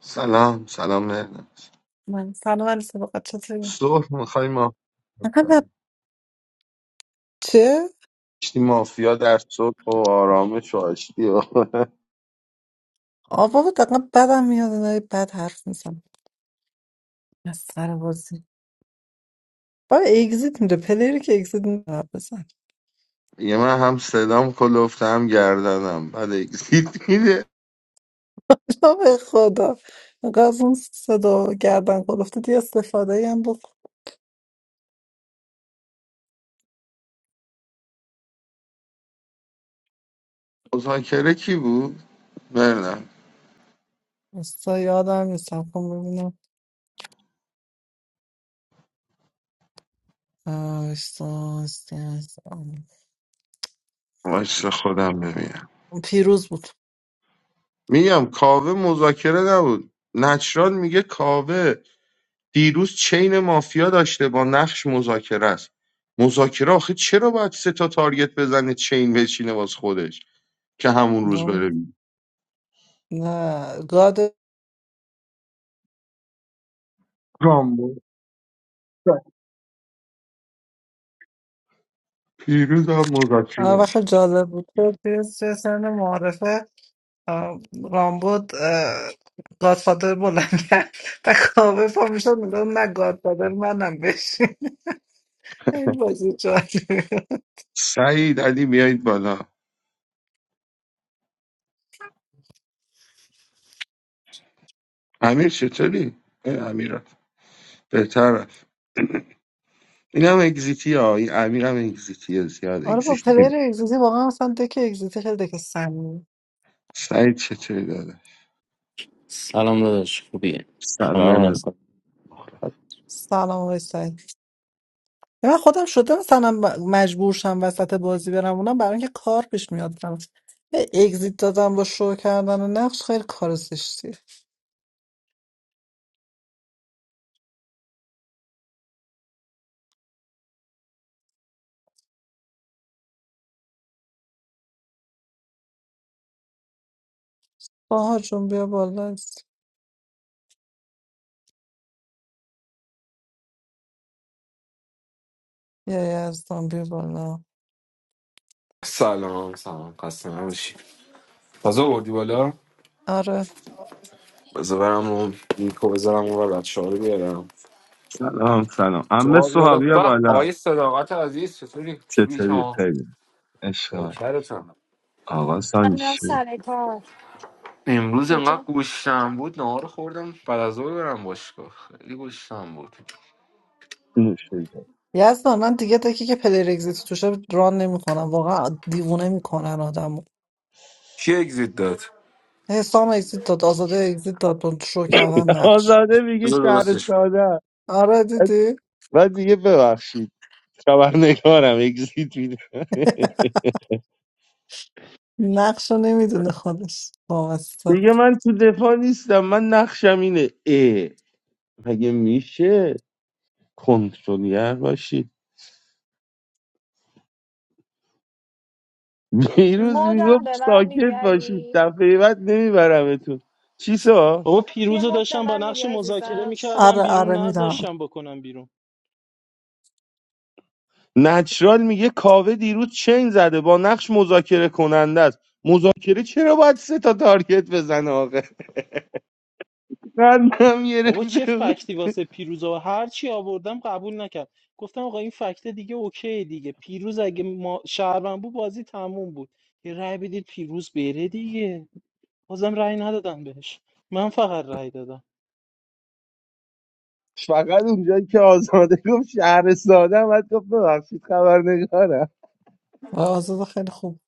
سلام سلام نه من سلام علیه فقط چطوری؟ صبح میخوای ما انقدر چه؟ آشتی مافیا در صبح و آرامش و آشتی و آه بابا دقیقا بدم میاد اینا بد حرف میزن از سر بازی با اگزیت میده پلیری که اگزیت میده بزن یه من هم صدام کلفته هم گردنم بعد اگزیت میده آه، به خدا اینقدر از اون صدا و گردن گرفته یه استفاده ای هم بکن مذاکره کی بود؟ نه استا یادم نیستم کن ببینم آه، استا، استا، استا. واسه خودم ببینم پیروز بود میگم کاوه مذاکره نبود نچران میگه کاوه دیروز چین مافیا داشته با نقش مذاکره است مذاکره آخه چرا باید سه تا تارگت بزنه چین بچینه واس خودش که همون روز نه بره نه، گاد رامبو پیروز هم آه، مذاکره وقت جالب بود پیروز چه سن معارفه آه، رامبود آه، گادفادر بلند کرد و کاوه پا میشد میگفت نه گادفادر منم بشین این بازی جالبه سعید علی بیایید بالا امیر چطوری؟ ای امیر بهتر این هم اگزیتی ها این امیر هم اگزیتی زیاد آره با اگزیتی پلیر اگزیتی واقعا مثلا دک اگزیتی خیلی دک سمی سعید چطوری داده؟ سلام داداش خوبیه خانم سلام مهناز سلام آقای سعید. من خودم شده مثلا مجبور شم وسط بازی برم اونم برای اینکه کار پیش میاد برام یه اگزیت دادم با شو کردن و نقش خیلی کار زشتیه باها جون بیا بالا یا یزدان بیا بالا سلام سلام خسته نباشی تازه آوردی بالا آره بذار برم اون لینکو بذارم اون و بچه ها رو بیارم سلام سلام امه سوال بالا صحابی به بالا آقای صداقت عزیز چطوری خوبی چطوری شما خیلی عشق من. نوکرتم آقا منم سانگشه سر کار امروز انقدر کجا گوشتم بود نهار خوردم بعد از ظهر برم باشگاه خیلی گوشتم بود نوشه جان. یزدان من دیگه دکی که پلیر اگزیتی توشه ران نمیکنم واقعا دیوونه میکنن کی اگزیت داد حسام اگزیت داد آزاده اگزیت داد با شو کردن نقش آزاده میگه بذار شهر درستش کنم. ساده آره دیدی بعد دیگه ببخشید خبرنگارم اگزیت میده نقش رو نمیدونه خودش وابسته دیگه من تو دفاع نیستم من نقشم اینه اه مگه میشه کنترلگر باشی دیروز مودم میگفت به من میدی ساکت باشید علی دفعه بعد نمیبرمتون چیسا بابا یه پیروز رو مد به داشتم با من میدی نقش مذاکره عزیزم میکردم آره آره بیرون میدونم نذاشتم بکنم بیرون نچرال میگه کاوه دیروز چین زده با نقش مذاکره کننده است مذاکره چرا باید سه تا تارگت بزنه آقا قندم بابا چه گرفته بود فکتی واسه پیروز و هر چی آوردم قبول نکرد گفتم آقا این فکت دیگه اوکی دیگه پیروز اگه ما شهروند بود بازی تموم بود یه رأی بدید پیروز بره دیگه بازم رأی ندادم بهش من فقط رأی دادم فقط اونجایی که آزاده گفت شهر ساده هم بعد گفت ببخشید خبرنگارم آزاده خیلی خوب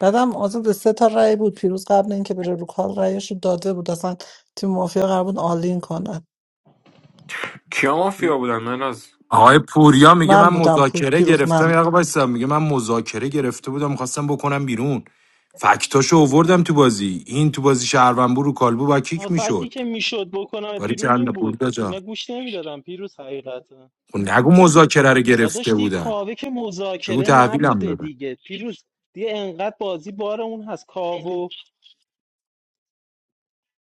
بعدم آزاده سه تا رأی بود پیروز قبل اینکه بره رو کال رأیش رو داده بود اصلا تیم مافیا قرار بود آلین کنه کیا م- مافیا بودن من از آقای پوریا میگه من من بودم پو- مذاکره پیروز من گرفتم یه آقا بودم بایستم میگه من مذاکره گرفته بودم میخواستم بکنم بیرون فکتاشو اووردم تو بازی این تو بازی شهرونبو رو کالبو با آه، کیک فکتی میشد که میشد بکنم باری بیرون چند این بود پوریا جان اینا گوش نمیدادم پیروز حقیقتا خب نگو مذاکره رو گرفته داداش دیگه بودم کاوه که بگو مذاکره تحویلم نبوده دادن دیگه پیروز دیگه انقدر بازی بار اون هست کاوه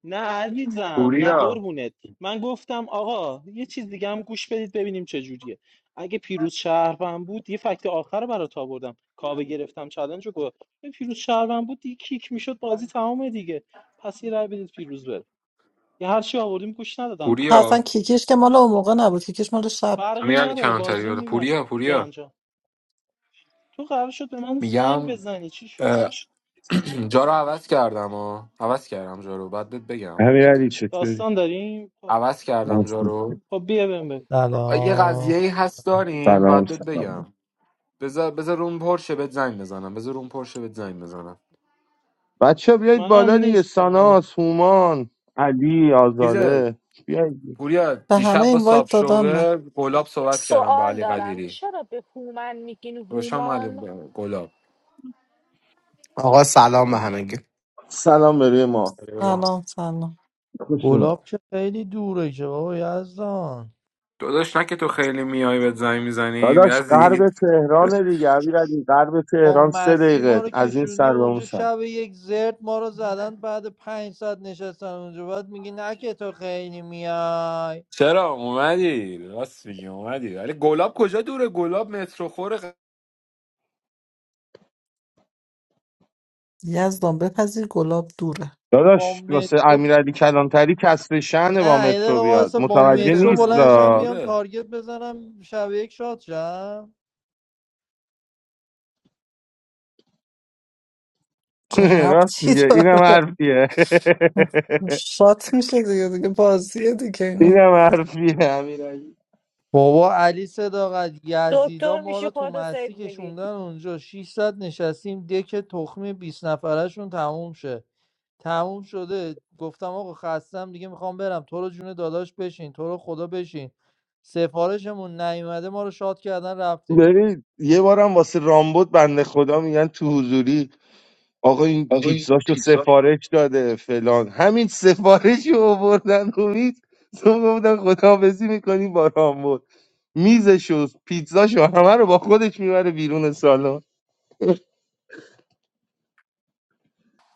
نه عزیزم نه پوریا قربونت من گفتم آقا یه چیز دیگه هم گوش بدید ببینیم چه جوریه اگه پیروز شهروند بود یه فکت آخر رو برات آوردم کاوه گرفتم چالنج رو گفت این پیروز شهروند بود دیگه کیک میشد بازی تمامه دیگه پس یه رای بدید پیروز بره یه هر چی آوردیم گوش ندادن اصلا پوریا کیکیش که مال اون موقع نبود کیکیش مال شب فرقی امیر علی نداره بازی رو کلانتری بود. میباخت پوریا پوریا جان جان تو قرار شد به من زنگ میگم بزنی چی شد؟ اه، جا رو عوض کردم ها عوض کردم جا رو بعد بهت بگم امیرعلی چطوری داستان داریم خب عوض کردم جا رو خب بیا بهم بگو یه سلام قضیه ای هست داریم سلام باید بهت سلام بگم بذار بذار روم پرشه بهت زنگ بزنم بذار روم پرشه بهت زنگ بزنم بچه بیایید منم بالا دیگه نیستم ساناس هومان علی چیزه آزاده بیایید پوریا به همه دیشب با اینوایت صاحب دادم من شوه گلاب یه صحبت کردم با سوال علی دارم قدیری چرا به هومن میگین روشم علی هومان ب- گلاب آقا سلام به همگی سلام به روی ما سلام سلام خوشون گلاب که خیلی دوره که بابا یزدان داداش نه که تو خیلی میای بهت زنگ میزنیم داداش غرب یزید تهران دیگه امیرعلی غرب با تهران سه مسی ما دقیقه رو از این کشوندی سر به اون اونجا سر شب یک زرد ما رو زدن بعد پنج ساعت نشستن اونجا بعد میگی نه که تو خیلی میای چرا اومدی راست میگی اومدی ولی گلاب کجا دوره گلاب مترو خوره قراره یزدان بپذیر گلاب دوره با داداش واسه مترو امیرعلی کلانتری کسر شهنه با نه یه مترو دقیقه بیاد وایسا با به متوجه مترو تهران نیست دیگه بلنشم را بیام میدوره تارگت بزنم شب یک شات شم چه راست ربطی میگه داره اینم حرفیه خب، شات میشه دیگه دیگه بازیه دیگه اینا اینم حرفیه امیرعلی بابا علی صداقت یزیدا دکتر ما میشی رو تو خودتو مستی سیو میدی کشوندن اونجا 600 نشستیم دک تخمی بیست نفرشون تموم شه تموم شده گفتم آقا خستم دیگه میخوام برم تو رو جون داداش بشین تو رو خدا بشین سفارشمون نیومده ما رو شاد کردن رفتیم ببین یه بارم واسه رامبد بنده خدا میگن تو حضوری آقا این آقا این پیتزاشو پیتزا سفارش داده فلان همین سفارشی رو آوردن امید تو گفتن خداحافظی میکنیم با رامبد میزشو پیتزاشو همه رو با خودش میبره بیرون سالن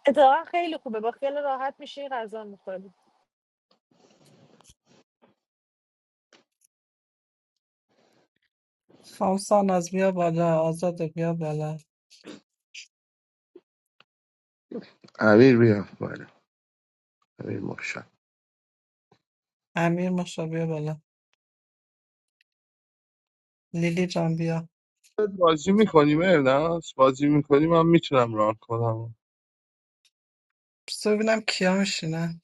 اتفاقا خیلی خوبه با خیال راحت میشی غذا میخوری خامسان از بیا بالا آزاده بیا بالا امیر بیا بالا امیر مرشد امیر مشا بیا بالا لیلی جان بیا بازی میکنیم نه بازی میکنیم من میتونم ران کنم بسو ببینم کیا میشینه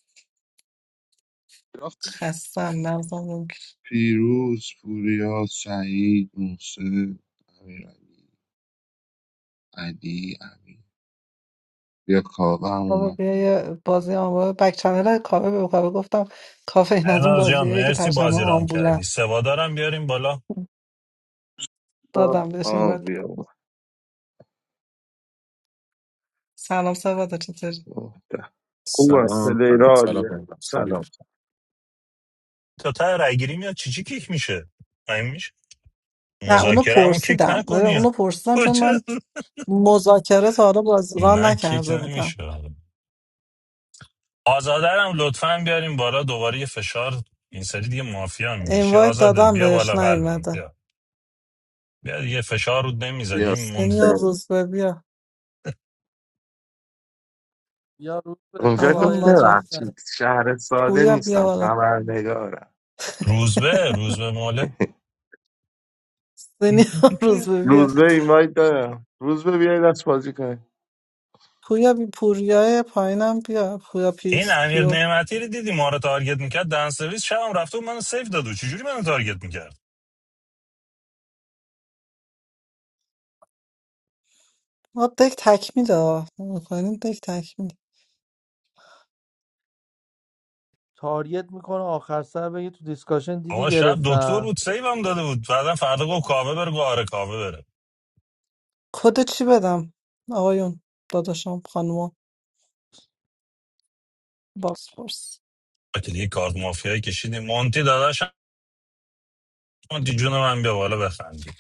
خستم مغزم نمی‌گیره. پیروز پوریا سعید موسی امیر علی امیر بیا کاوه هم بابا اومد بیا یه بازی آن بابا بک چنل کافه به کافه گفتم کافه این از اون ارناز جان بازیه که مرسی ترجمه بازی ران کردی آمبولم سوادارم بیاریم بالا آه، دادم بهش این آه باید بیا سلام سبادا چطوری اومد. خوبه سلام پلیر سلام عالیه مهناز خوبی سلام تا ته رای گیری میاد چی چی کیک میشه این میشه نه اونو مذاکرمو کیک پرسیدم آره، نکنی اونو پرسیدم چون کجا من مذاکره تا حالا باز ران نه کیک نکرده بودم نمیشه آزادرم لطفا بیاریم بالا دوباره یه فشار این سری دیگه مافیا میگشی اینوایت آزاده دادم بیا بهش بالا قلبم نیومده بیا بیا دیگه فشار رو بیا نمیذاریم موند... سینیور روز به بیا یا روز به اونجا ایهان گفت بالای اومد دست رفت بزنه ببخشید شهر ساده پوریا بیا نیستم بالا خبرنگارم روزبه روزبه موله سینیور روز بیا روزبه اینوایت دارم روزبه بیای دست بازی کنی پوریا بی پوریای پایینم بیا پوریا این پیکس امیر پیو نعمتی رو دیدی ما رو تارگت میکرد دن سرویس شبم رفته بود منو سیف دادو چجوری منو تارگت میکرد ما دک تکمیله ها میکنیم دک تکمیل تاریت میکنه آخر سر بگه تو دیسکاشن دیدی آقا شب دکتر گرفتم بود سیوم داده بود بعدا فردا گفت کاوه بره گفت آره کاوه بره کد چی بدم آقایون داداشم خانوما بازپرس آقا دیگه کارت مافیایی کشیدیم مونتی داداش مونتی جون من بیا بالا بخندی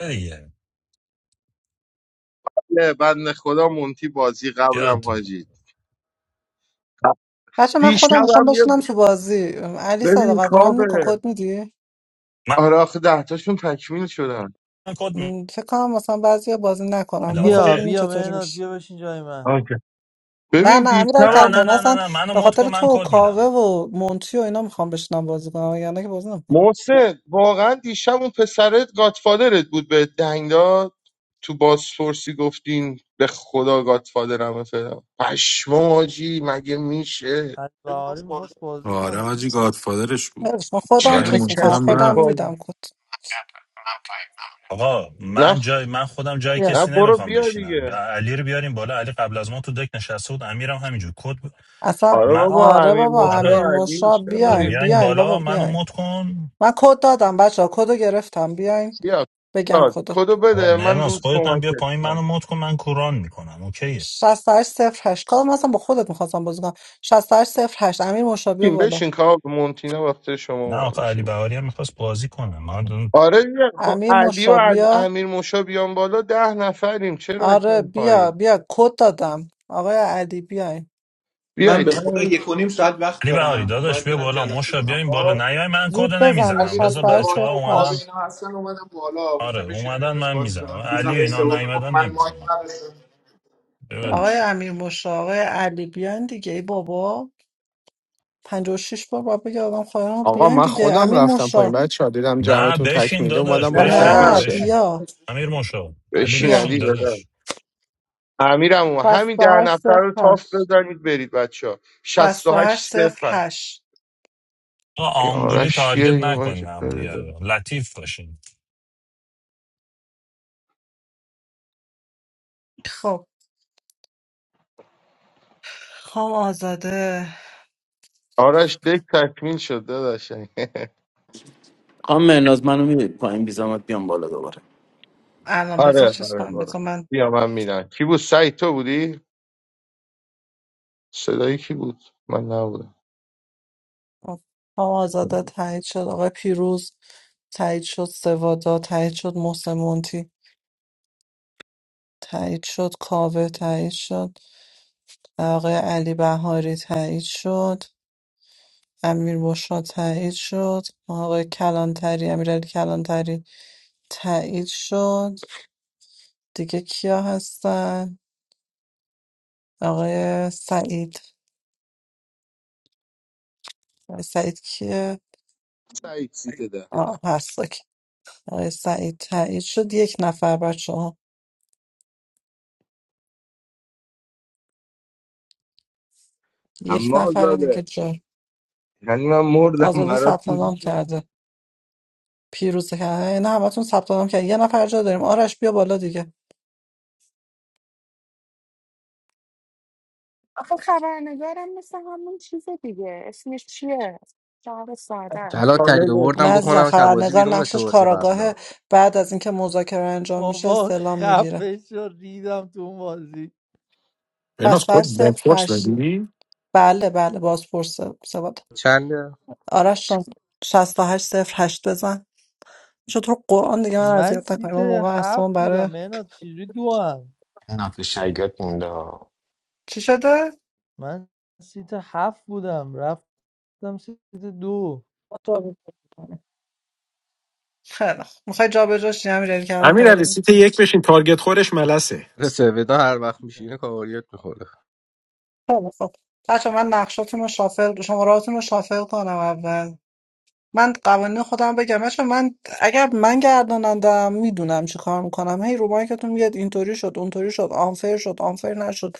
بیا دیگه یه بند خدا مونتی بازی قبلم یاد حاجی بچه من خودم میخوام دیشبم بشینم یه تو بازی علی ببین صداقت ران کافه میکن کد میدی من آره آخه دهتاشون تکمیل شدن کد م، فکر کنم مثلا بعضی بازی نکنن میدم بازا بیا اوکی ببینیم بیا چطوری میشه مهناز بیا بشین جای من آنکه نه ببین نه امیرعلی دیشبم نه کمتر نه نه نه مثلا نه منو به مد کن خاطر تو من و کد کاوه میدم و مونتی و اینا میخوام بشنم بازی کنم یعنی که بازی نمیکنم محسن واقعا دیشب اون پسرت گاتفادرت بود به دنگ داد تو بازپرسی گفتین به خدا گاتفادرم فلان پشمام حاجی مگه میشه علی بهاری میخواست بازی کنه آره حاجی گادفادرش بود من خودم بعد چقدر چیز مونتی میکنم هم کسی خودم رفت بایی میدم کد آقا نه من خ- جای من خودم جای بیا نه کسی برو نمیخوام بیا بشینم ب- دیگه علی رو بیاریم بالا علی قبل از ما تو دک نشسته بود امیرم همینجور کد ب- اصلا آره من بابا آره امیر بابا مشکا امیر آره و علی مشا چرا آره بیاین بیاین می‌ریختی؟ بیاین بالا بابا منو بیاین مد کن من کد دادم بچه ها کدو گرفتم بیاین بیا بگم داد کدو کدو آقا بده من مهرناز روز خودت هم کمکت بیا پایین منو کنم مد کن من کوران میکنم اوکیه 68 صفر هشت کدو مثلا با خودت میخواستم بازی کنم 68 صفر هشت امیر مشا بیا بشین بالا بشین کار مونتینا وقت شما نه اومده آقا علی بشین بهاری هم میخواست بازی کنه ما دون... آره دیگه. خب امیر علی و مشا ام- بیا. امیر موشا بیان بالا ده نفریم چرا آره اصلا بیا پایین بیا کد دادم آقای علی بیاین من به بیایید خدا همین یک و نیم ساعت وقت علی بهاری دارم داداش باید بیا برم بالا جلسه مشا دارم بیاین بالا خب نیای من زود کدو من بزنین نمیزنم دیدم بذار 68 بچه هشت ها سوادا و کابه اومدن هشت. اینا هستن اومدم بالا آره گفتم بشینیم یه اومدن دست من بازی میزنم کنیم دیروزم علی و به اینا سوادا گفت نیومدن من مایک نمیزنم نداشتم آقای بولش امیر مشا آقای علی بیاین دیگه ای بابا 56 بار باید بگه آدم خواهرام آقا بیاین من دیگه خودم امیر رفتم پایین مشا بچه ها دیدم نه جمعتون بشین تکمیله داداش اومدم نه بالا نه آقا بشین تکمیل نه نه بشین شه بشین بیا امیر مشا علی بشین بیا بشین علی داداش دادم امیرم اومد. همین ده 68 نفر صفر رو تاف هشت بزنید برید بچه ها 68 68 صفر صفر هشت آقا این آمبولی آرش چیه تارگت این نکنین واجه هم دیگه رو. لطیف باشین خب خام آزاده آرش دک تکمیل شد داداش خانم مهناز منو میدید پایین بیزامت بیام بالا دوباره الان بذار آره چیز آره کنم برو بذار من بیا من میرم کی بود سعید تو بودی صدایی کی بود من نبودم خب، خام آزاده تایید شد آقای پیروز تایید شد سوادا تایید شد محسن مونتی تایید شد کاوه تایید شد آقای علی بهاری تایید شد امیر بشرا تایید شد آقای کلانتری امیرعلی کلانتری تایید شد دیگه کیا هستن آقای سعید آقای سعید کیه سعید سیت ده آه هست اوکی. آقای سعید تایید شد یک نفر بچه ها یک اما نفر دیگه زاده جا یعنی من مردم آزاده برات ثبت نام کرده پیروزه کرده نه همتون ثبت نام کرد یه نفر جا داریم آرش بیا بالا دیگه آخه خبرنگارم مثل همون چیز دیگه اسمش چیه؟ شهر ساده است. الان تری جالبه. نه آوردم عزیزم بخونم تا بازی خبرنگار بیرون مثل نقشش بازی کاراگاه قبلا بعد از اینکه مذاکره انجام میشه بابا استعلام میگیره خفه شد ریدم تو اون بازی پس مهناز کد صفر بلفورس هشت ندی بله بله بازپرس سواد چنده آرش جان 68 صفر هشت بزن شد تو رو قرآن دیگه من من اذیت سیت نکنیم من موقع اصلا هفت بودم برای مهنات چجوری دو هم نفر شیاد مونده ها. چی شده؟ من سیت هفت بودم رفتم سیت دو خیلی خوب میخوای جا به جاش همین ریل کردن امیر علی تری؟ سیت یه سه سویدا هر وقت میشینه کاریت میخوره خیلی خوب بچه من نقشاتون رو شافل شماراتون رو شافل کنم اول من قوانین خودم بگم بچه‌ها، من اگر من گردانندم میدونم چی کار میکنم هی رو مایکتون میگید اینطوری شد اونطوری شد آنفیر شد آنفیر نشد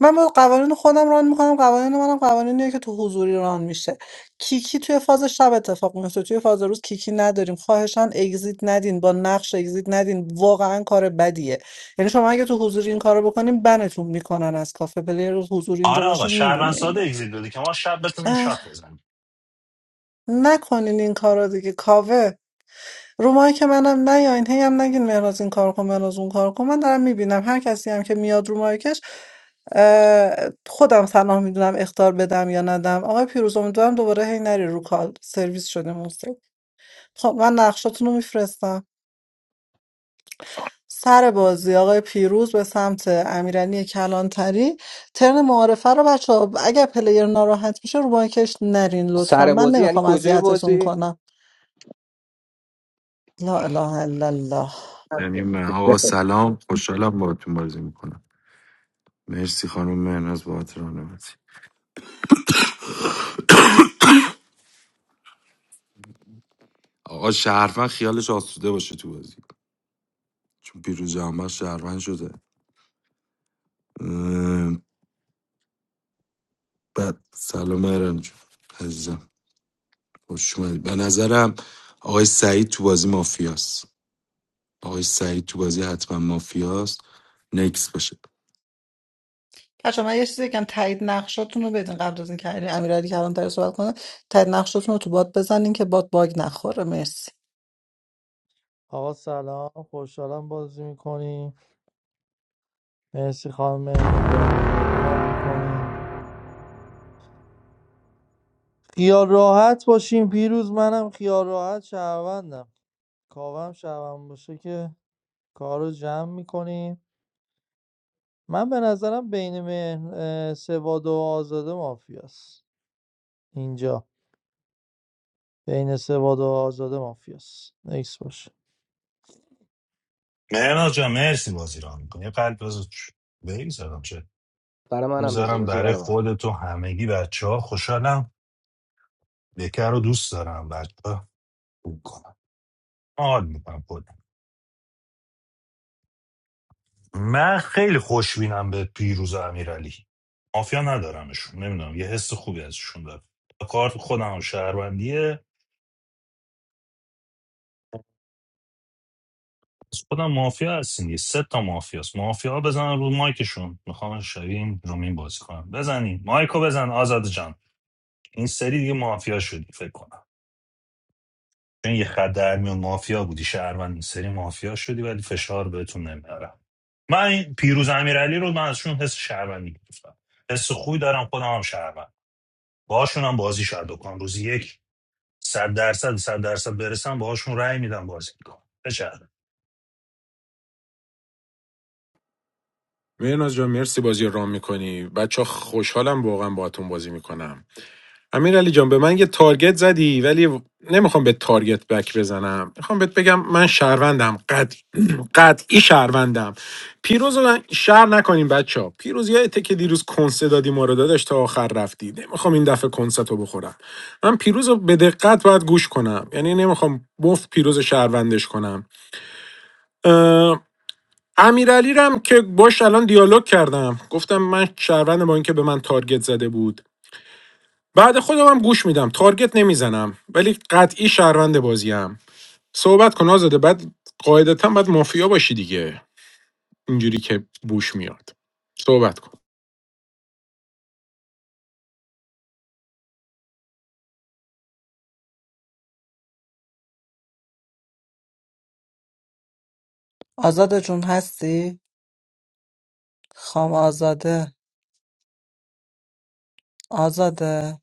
من با قوانین خودم ران میکنم قوانین منم قوانینیه که تو حضوری ران میشه کیکی توی فاز شب اتفاق میفته توی فاز روز کیکی نداریم خواهشان اگزییت ندین با نقش اگزییت ندین واقعا کار بدیه یعنی شما اگه تو حضوری این کارو بکنین بنتون میکنن از کافه پلیر حضوری اینجا آره باشه آقا شهروند میدونه ساده اینو اگزییت بده که ما شب بتونیم اه، شات بزنیم نکنین این کارا دیگه کاوه رو مایک منم نیاین هی هم نگین مهراز این کار کن مهراز اون کار کن من دارم میبینم هر کسی هم که میاد رو مایکش اه، خودم سلام میدونم اختار بدم یا ندم آقای پیروز امیدوارم دوباره هی نری رو کال سرویس شده موسی خب من نقشاتون رو میفرستم سر بازی آقای پیروز به سمت امیرعلی کلانتری ترن معارفه رو بچه اگر پلیر ناراحت میشه رو مایکش نرین لطفا سر من بازی یعنی نمیخوام کجای اذیتتون بازی کنم لا اله الا الله یعنی من آقا سلام خوشحالم باهاتون بازی میکنم مرسی خانم مهناز بابت راهنمایی آقا شهروند خیالش آسوده باشه تو بازی چون پیروز جهانبخش شهروند شده اه، بعد سلام مهران جون عزیزم خوش اومدی به نظرم آقای سعید تو بازی مافیاست آقای سعید تو بازی حتما مافیاست نکس باشه بچه من یه چیزی بگم تایید نقشاتون رو بدین قبل از اینکه علی امیرعلی کلانتری صحبت کنه تایید نقشاتون رو تو باد بزنین که باد باگ نخوره مرسی آقا سلام خوشحالم بازی میکنیم مرسی خانم مهنات بازی رو میکنیم خیال راحت باشیم پیروز منم خیال راحت شهروندم کاوم شهروند باشه که کار رو جمع میکنیم من به نظرم بین مهن- اه، سواد و آزاده مافیاست اینجا بین سواد و آزاده مافیاس نکس باشه مهناز جان مرسی بازی ران می‌کنی. یه قلب بزن بیل زدم برای منم بذار میذارم بذار برای برای من خودت و همگی بچه ها خوشحالم بکر رو دوست دارم بچه ها خوب کنم حال میکنم خودم من خیلی خوشبینم به پیروز و امیرعلی مافیا ندارمشون نمیدونم یه حس خوبی ازشون دارم کارت خودم هم شهروندیه از خودم مافیا هستین یه سه تا مافیاست مافیا بزنن رو مایکشون میخوام شبیه این رومین بازی کنم بزنین مایکو بزن آزاد جان این سری دیگه مافیا شدی فکر کنم چون یه خط در میون مافیا بودی شهروند سری مافیا شدی ولی فشار بهتون نمیارم من این پیروز امیرعلی رو من ازشون حس شهروندی گرفتم حس خوبی دارم خودم هم شهروند باهاشون هم بازی شاید بکنم روزی یک صد درصد صد درصد برسم باهاشون رأی میدم بازی میکنم بچهره مهناز جان مرسی بازی رو رام میکنی بچه خوشحالم واقعا باهاتون بازی میکنم امیر علی جان به من یه تارگت زدی ولی نمیخوام به تارگت بک بزنم میخوام بهت بگم من شهروندم قد قطعی شهروندم پیروز رو من- شهر نکنیم بچه ها پیروز یادته که دیروز کنسه دادی ما رو داداش تا آخر رفتی نمیخوام این دفعه کنست رو بخورم من پیروز رو به دقت باید گوش کنم یعنی نمیخوام بفت پیروز شهروندش کنم اه، امیرعلی رو هم که باش الان دیالوگ کردم گفتم من شهروند با اینکه به من تارگت زده بود بعد خودم هم گوش میدم تارگت نمیزنم ولی قطعی شهروند بازیم صحبت کن آزاده بعد قاعدتا بعد مافیا باشی دیگه اینجوری که بوش میاد صحبت کن آزاده جون هستی خام آزاده آزاده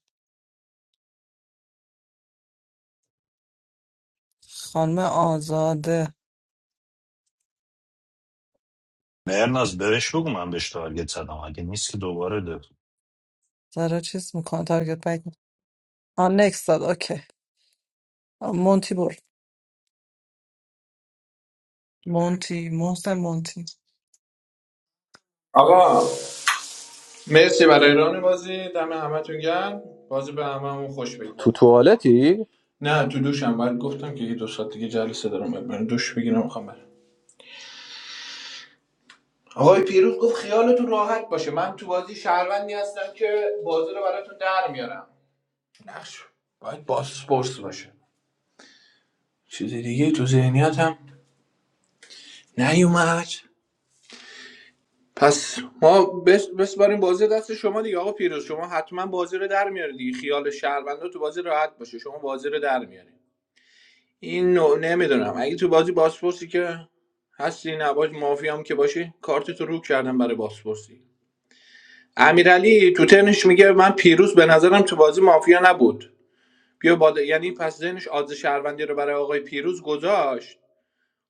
خانم آزاده مرناز برش بگو من بهش تارگت زدم اگه نیست که دوباره ده. زارا چیز میکنه تارگت بک می‌کنه. آن نکست داد اوکی مونتی برد مونتی محسن مونتی آقا مرسی برای ران بازی دم همتون گرم بازی به هممون خوش بگذره تو توالتی نه تو دوشم باید گفتم که یه دو ساعت دیگه جلسه دارم باید برم دوش بگیرم میخوام برم آقای پیروز گفت خیالتون راحت باشه من تو بازی شهروندی هستم که بازی رو براتون در میارم نقش باید باسپورس باشه چیز دیگه تو ذهنیتم نیومد پس ما بس بسپاریم بازی دست شما دیگه آقا پیروز شما حتما بازی رو در میاری دیگه خیال شهروندا تو بازی راحت باشه شما بازی رو در میاری این نوع نمیدونم اگه تو بازی بازپرسی که هستی نباش مافی هم که باشی کارت تو رو کردم برای بازپرسی امیرعلی تو ترنش میگه من پیروز به نظرم تو بازی مافیا نبود بیا بالا یعنی پس ذهنش آز شهروندی رو برای آقای پیروز گذاشت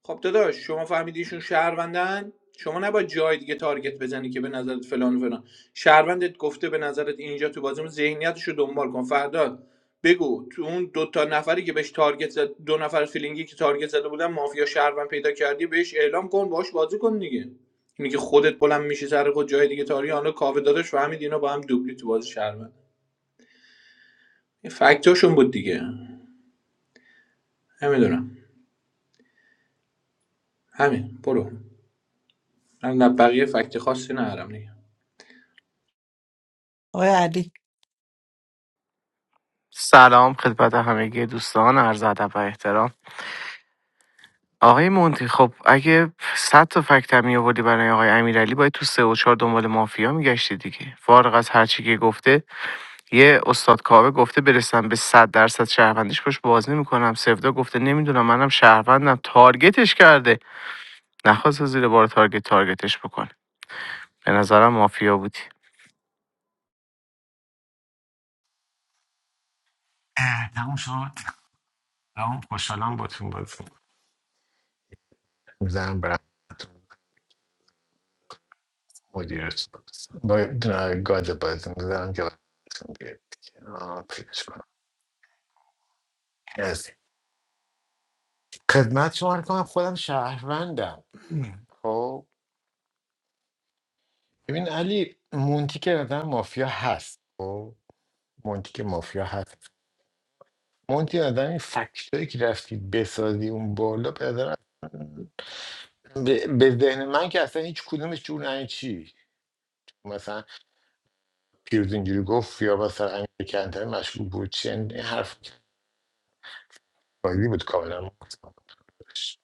خب داداش شما فهمیدی ایشون شهروندن شما نباید جای دیگه تارگت بزنی که به نظرت فلان و فلان شهروندت گفته به نظرت اینجا تو بازیمون ذهنیتش رو دنبال کن فردا بگو تو اون دو تا نفری که بهش تارگت زد دو نفر فیلینگی که تارگت زده بودن مافیا شهروند پیدا کردی بهش اعلام کن باهاش بازی کن دیگه اینی که خودت بلند میشی سر خود جای دیگه تاری حالا کاوه داداش فهمید اینا با هم دوبلی تو بازی شهروند این فکتاشون بود دیگه نمیدونم همین برو من نه بقیه فکت خاصی ندارم دیگه آقای علی سلام خدمت همگی دوستان عرض ادب و احترام آقای مونتی خب اگه 100 تا فکت می آوردی برای آقای امیرعلی باید تو سه و چهار دنبال مافیا میگشتی دیگه فارغ از هر چی که گفته یه استاد کاوه گفته برسم به 100 درصد شهروندیش باش بازی میکنم سودا گفته نمیدونم منم شهروندم تارگتش کرده نخواسته زیر بار تارگت تارگتش بکنه به نظرم مافیا بودی اه، تموم شد تمام خوشحالم با تون بازی میزنم برم مدیرتون با با- گاد بازی میزنم که براتون بیاد دیگه. آه، پیداش کنم از خدمت شما رو کنم خودم شهروندم خب ببین علی مونتی که آدم مافیا هست خب مونتی که مافیا هست مونتی آدم این فکتایی که رفتی بسازی اون بالا به نظرم- به به ذهن من که اصلا هیچ کدومش جور نه چی مثلا پیروز اینجوری گفت یا مثلا امیر کندر مشکوک بود چین این حرف بازی بود کاملا مستقل خودش.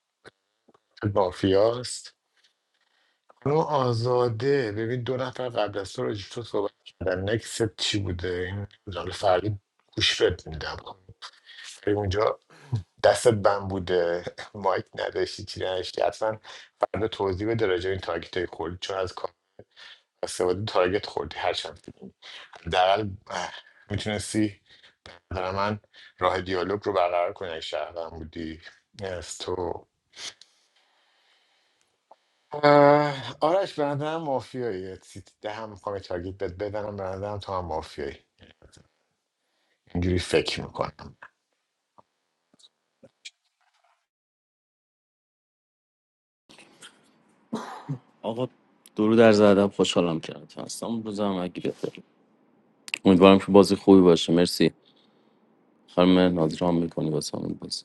مافیاست خانم آزاده ببین دو نفر قبل از تو راجع به تو صحبت کردن نکست چی بوده این نمی‌دونم. فرقی گوش بد میدم اونجا دستت بند بوده مایک نداشتی چی نداشتی اصلا فردا توضیح بده راجع به این تارگت های خوردی چون از کار استفاده تارگت خوردی هرچند در میتونستی نظر من راه دیالوگ رو برقرار کنی اگه شهروند بودی از تو اه، آرش به نظرم مافیایی سیت ده هم میخوام یه تارگیت بهت بدنم به نظرم تو هم مافیایی اینجوری فکر میکنم آقا درو در زدم خوشحالم کرد اصلا روزم اگه بخیر امیدوارم که بازی خوبی باشه مرسی خانم مهناز رام میکنی واسه همون بازی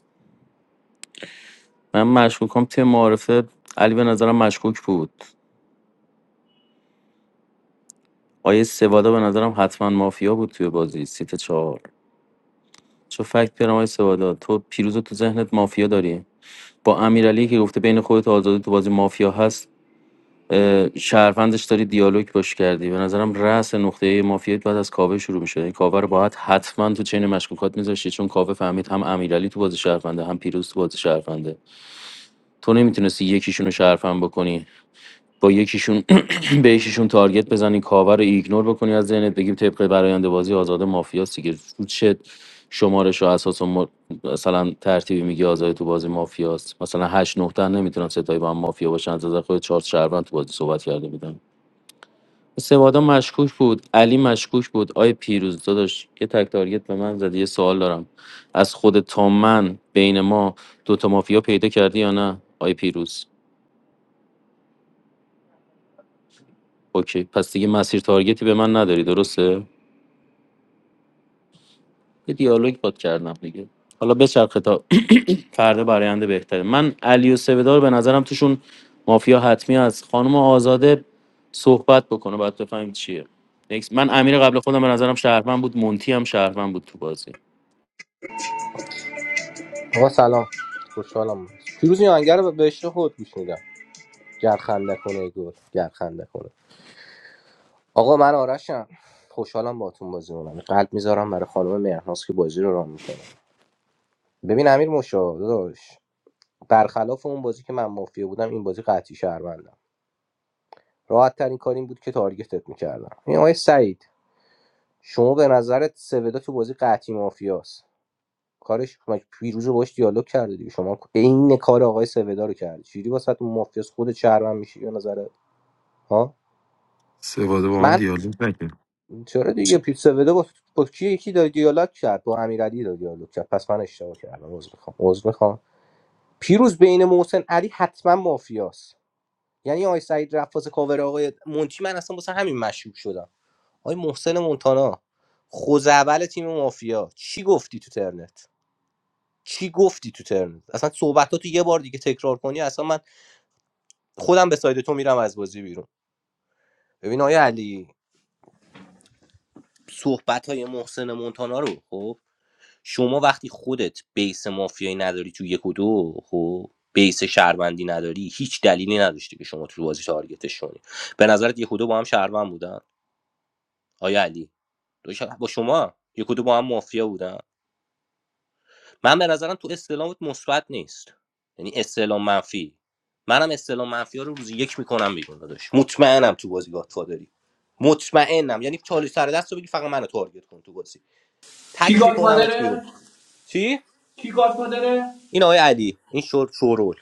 من مشکوکم توی معارفه علی به نظرم مشکوک بود آیه سوادا به نظرم حتما مافیا بود توی بازی سیت چهار چه فکت بیارم آیه سوادا تو پیروز رو تو ذهنت مافیا داری با امیرعلی که گفته بین خودت و آزادی تو بازی مافیا هست اه، شهروندش داری دیالوگ باش کردی به نظرم رأس نقطه مافیا بعد از کاوه شروع میشه این کاوه رو باید حتما تو چین مشکوکات میذاشتی چون کاوه فهمید هم امیرعلی تو بازی شهرونده هم پیروز تو بازی شهرونده تو نمیتونستی یکیشون رو شهروند بکنی با یکیشون به یکیشون تارگت بزنی کاوه رو ایگنور بکنی از ذهنت بگیم طبق برآینده بازی آزاد مافیاست دیگه تو چه شمارش و اساس و مر- مثلا ترتیبی میگی آزاد تو بازی مافیاست مثلا هشت 9 تا نمیتونن ستایی با هم مافیا باشن از نظر خود چهار شهروند تو بازی صحبت کرده بودن سوادا مشکوک بود علی مشکوک بود آی پیروز داداش یه تک تارگت به من زدی یه سوال دارم از خود تا من بین ما دوتا مافیا پیدا کردی یا نه آی پیروز اوکی پس دیگه مسیر تارگتی به من نداری درسته یه دیالوگ باد کردم دیگه حالا بچرخه تا فردا براینده بهتره من علی و سویدا رو به نظرم توشون مافیا حتمی از خانم آزاده صحبت بکنه باید بفهمیم چیه Next. من امیر قبل خودم به نظرم شهروند بود مونتی هم شهروند بود تو بازی آقا سلام خوشحالم پیروز این آهنگر رو به عشق خود گوش میدم گر خنده کنه گل گر خنده کنه آقا من آرشم خوشحالم باهاتون بازی می‌کنم قلب میذارم برای خانم مهناز که بازی رو رام میکنه ببین امیر مشاهده داشت برخلاف اون بازی که من مافیا بودم این بازی قطعی شهروندم راحت ترین کار این بود که تارگتت می‌کردم. این آقای سعید شما به نظرت سودا تو بازی قطعی مافیاست کارش پیروز رو باش دیالوگ کرده دیگه شما عین کار آقای سودا رو کردی چجوری واسه اون مافیاس خود چرمن میشی به نظرت ها سواده با من من دیالوگ نکرد چرا دیگه چ- پیت سودا با, با کی یکی داره دیالوگ کرد با امیرعلی داره دیالوگ کرد پس من اشتباه کردم عذر میخوام عذر میخوام پیروز بین محسن علی حتما مافیاست یعنی آقای سعید رفاز کاور آقای منچی من اصلا واسه همین مشکوک شدم آقای محسن مونتانا خوزعبل تیم مافیا چی گفتی تو ترنت چی گفتی تو ترنت اصلا صحبتاتو یه بار دیگه تکرار کنی اصلا من خودم به ساید تو میرم از بازی بیرون ببین آیا علی صحبت های محسن مونتانا رو خب شما وقتی خودت بیس مافیایی نداری تو یک و دو خب بیس شهروندی نداری هیچ دلیلی نداشتی که شما تو بازی تارگتش کنی به نظرت یک و دو با هم شهروند بودن آیا علی دو شهر- با شما یک و دو با هم مافیا بودن من به نظرم تو استعلامت مثبت نیست یعنی استعلام منفی منم استعلام منفی ها رو روزی یک میکنم بیرون داداش مطمئنم تو بازی گاتفادری مطمئنم یعنی چالی سر دست رو بگی فقط منو تارگت کن تو بازی کی تک میکنمت بیرون گادفادره چی کی گادفادره این آقای علی این شور شورول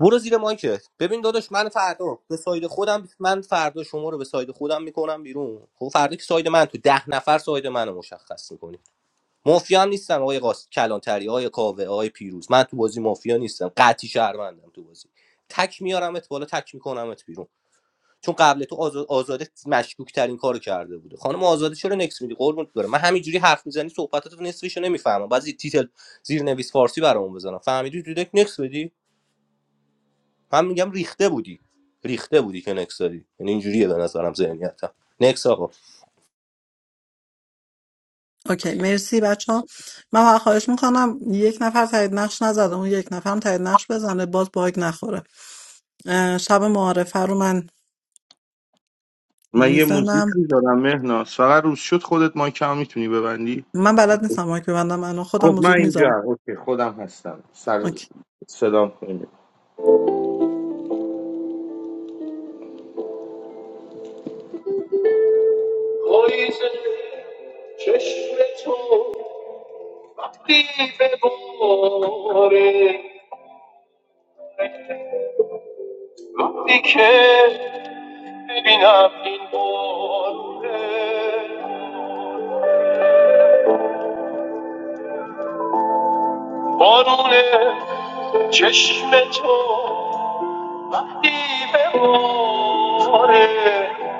برو زیر مایکت ببین داداش من فردا به ساید خودم من فردا شما رو به ساید خودم میکنم بیرون خب فردا که ساید من تو ده نفر ساید منو مشخص میکنی مافیا هم نیستم آقای قاس کلانتری آقای کاوه آقای پیروز من تو بازی مافیا نیستم قطعی شهروندم تو بازی تک میارمت بالا تک میکنمت بیرون چون قبل تو آزا- آزاده مشکوک ترین کارو کرده بوده خانم آزاده چرا نکس میدی قربونت برم من همینجوری حرف میزنی صحبتاتو نصفشو نمیفهمم بعضی تیتل زیر نویس فارسی برامون بزنم فهمیدی تو دک نکس بدی من میگم ریخته بودی ریخته بودی که نکس دادی یعنی اینجوریه به نظرم ذهنیتم نکس آقا اوکی مرسی بچه ها من واقعا خواهش میکنم یک نفر تایید نقش نزده اون یک نفرم تایید نقش بزنه باز باگ نخوره اه، شب معارفه رو من من یه موزیک میزنم میذارم مهناز فقط روز شد خودت ما کم میتونی ببندی من بلد نیستم مایک ببندم الان خودم خب من موزیک میذارم اینجا اوکی خودم هستم سر اوکی صدام کنید. وقتی بباره وقتی که ببینم این بارونه بارونه چشم تو وقتی بباره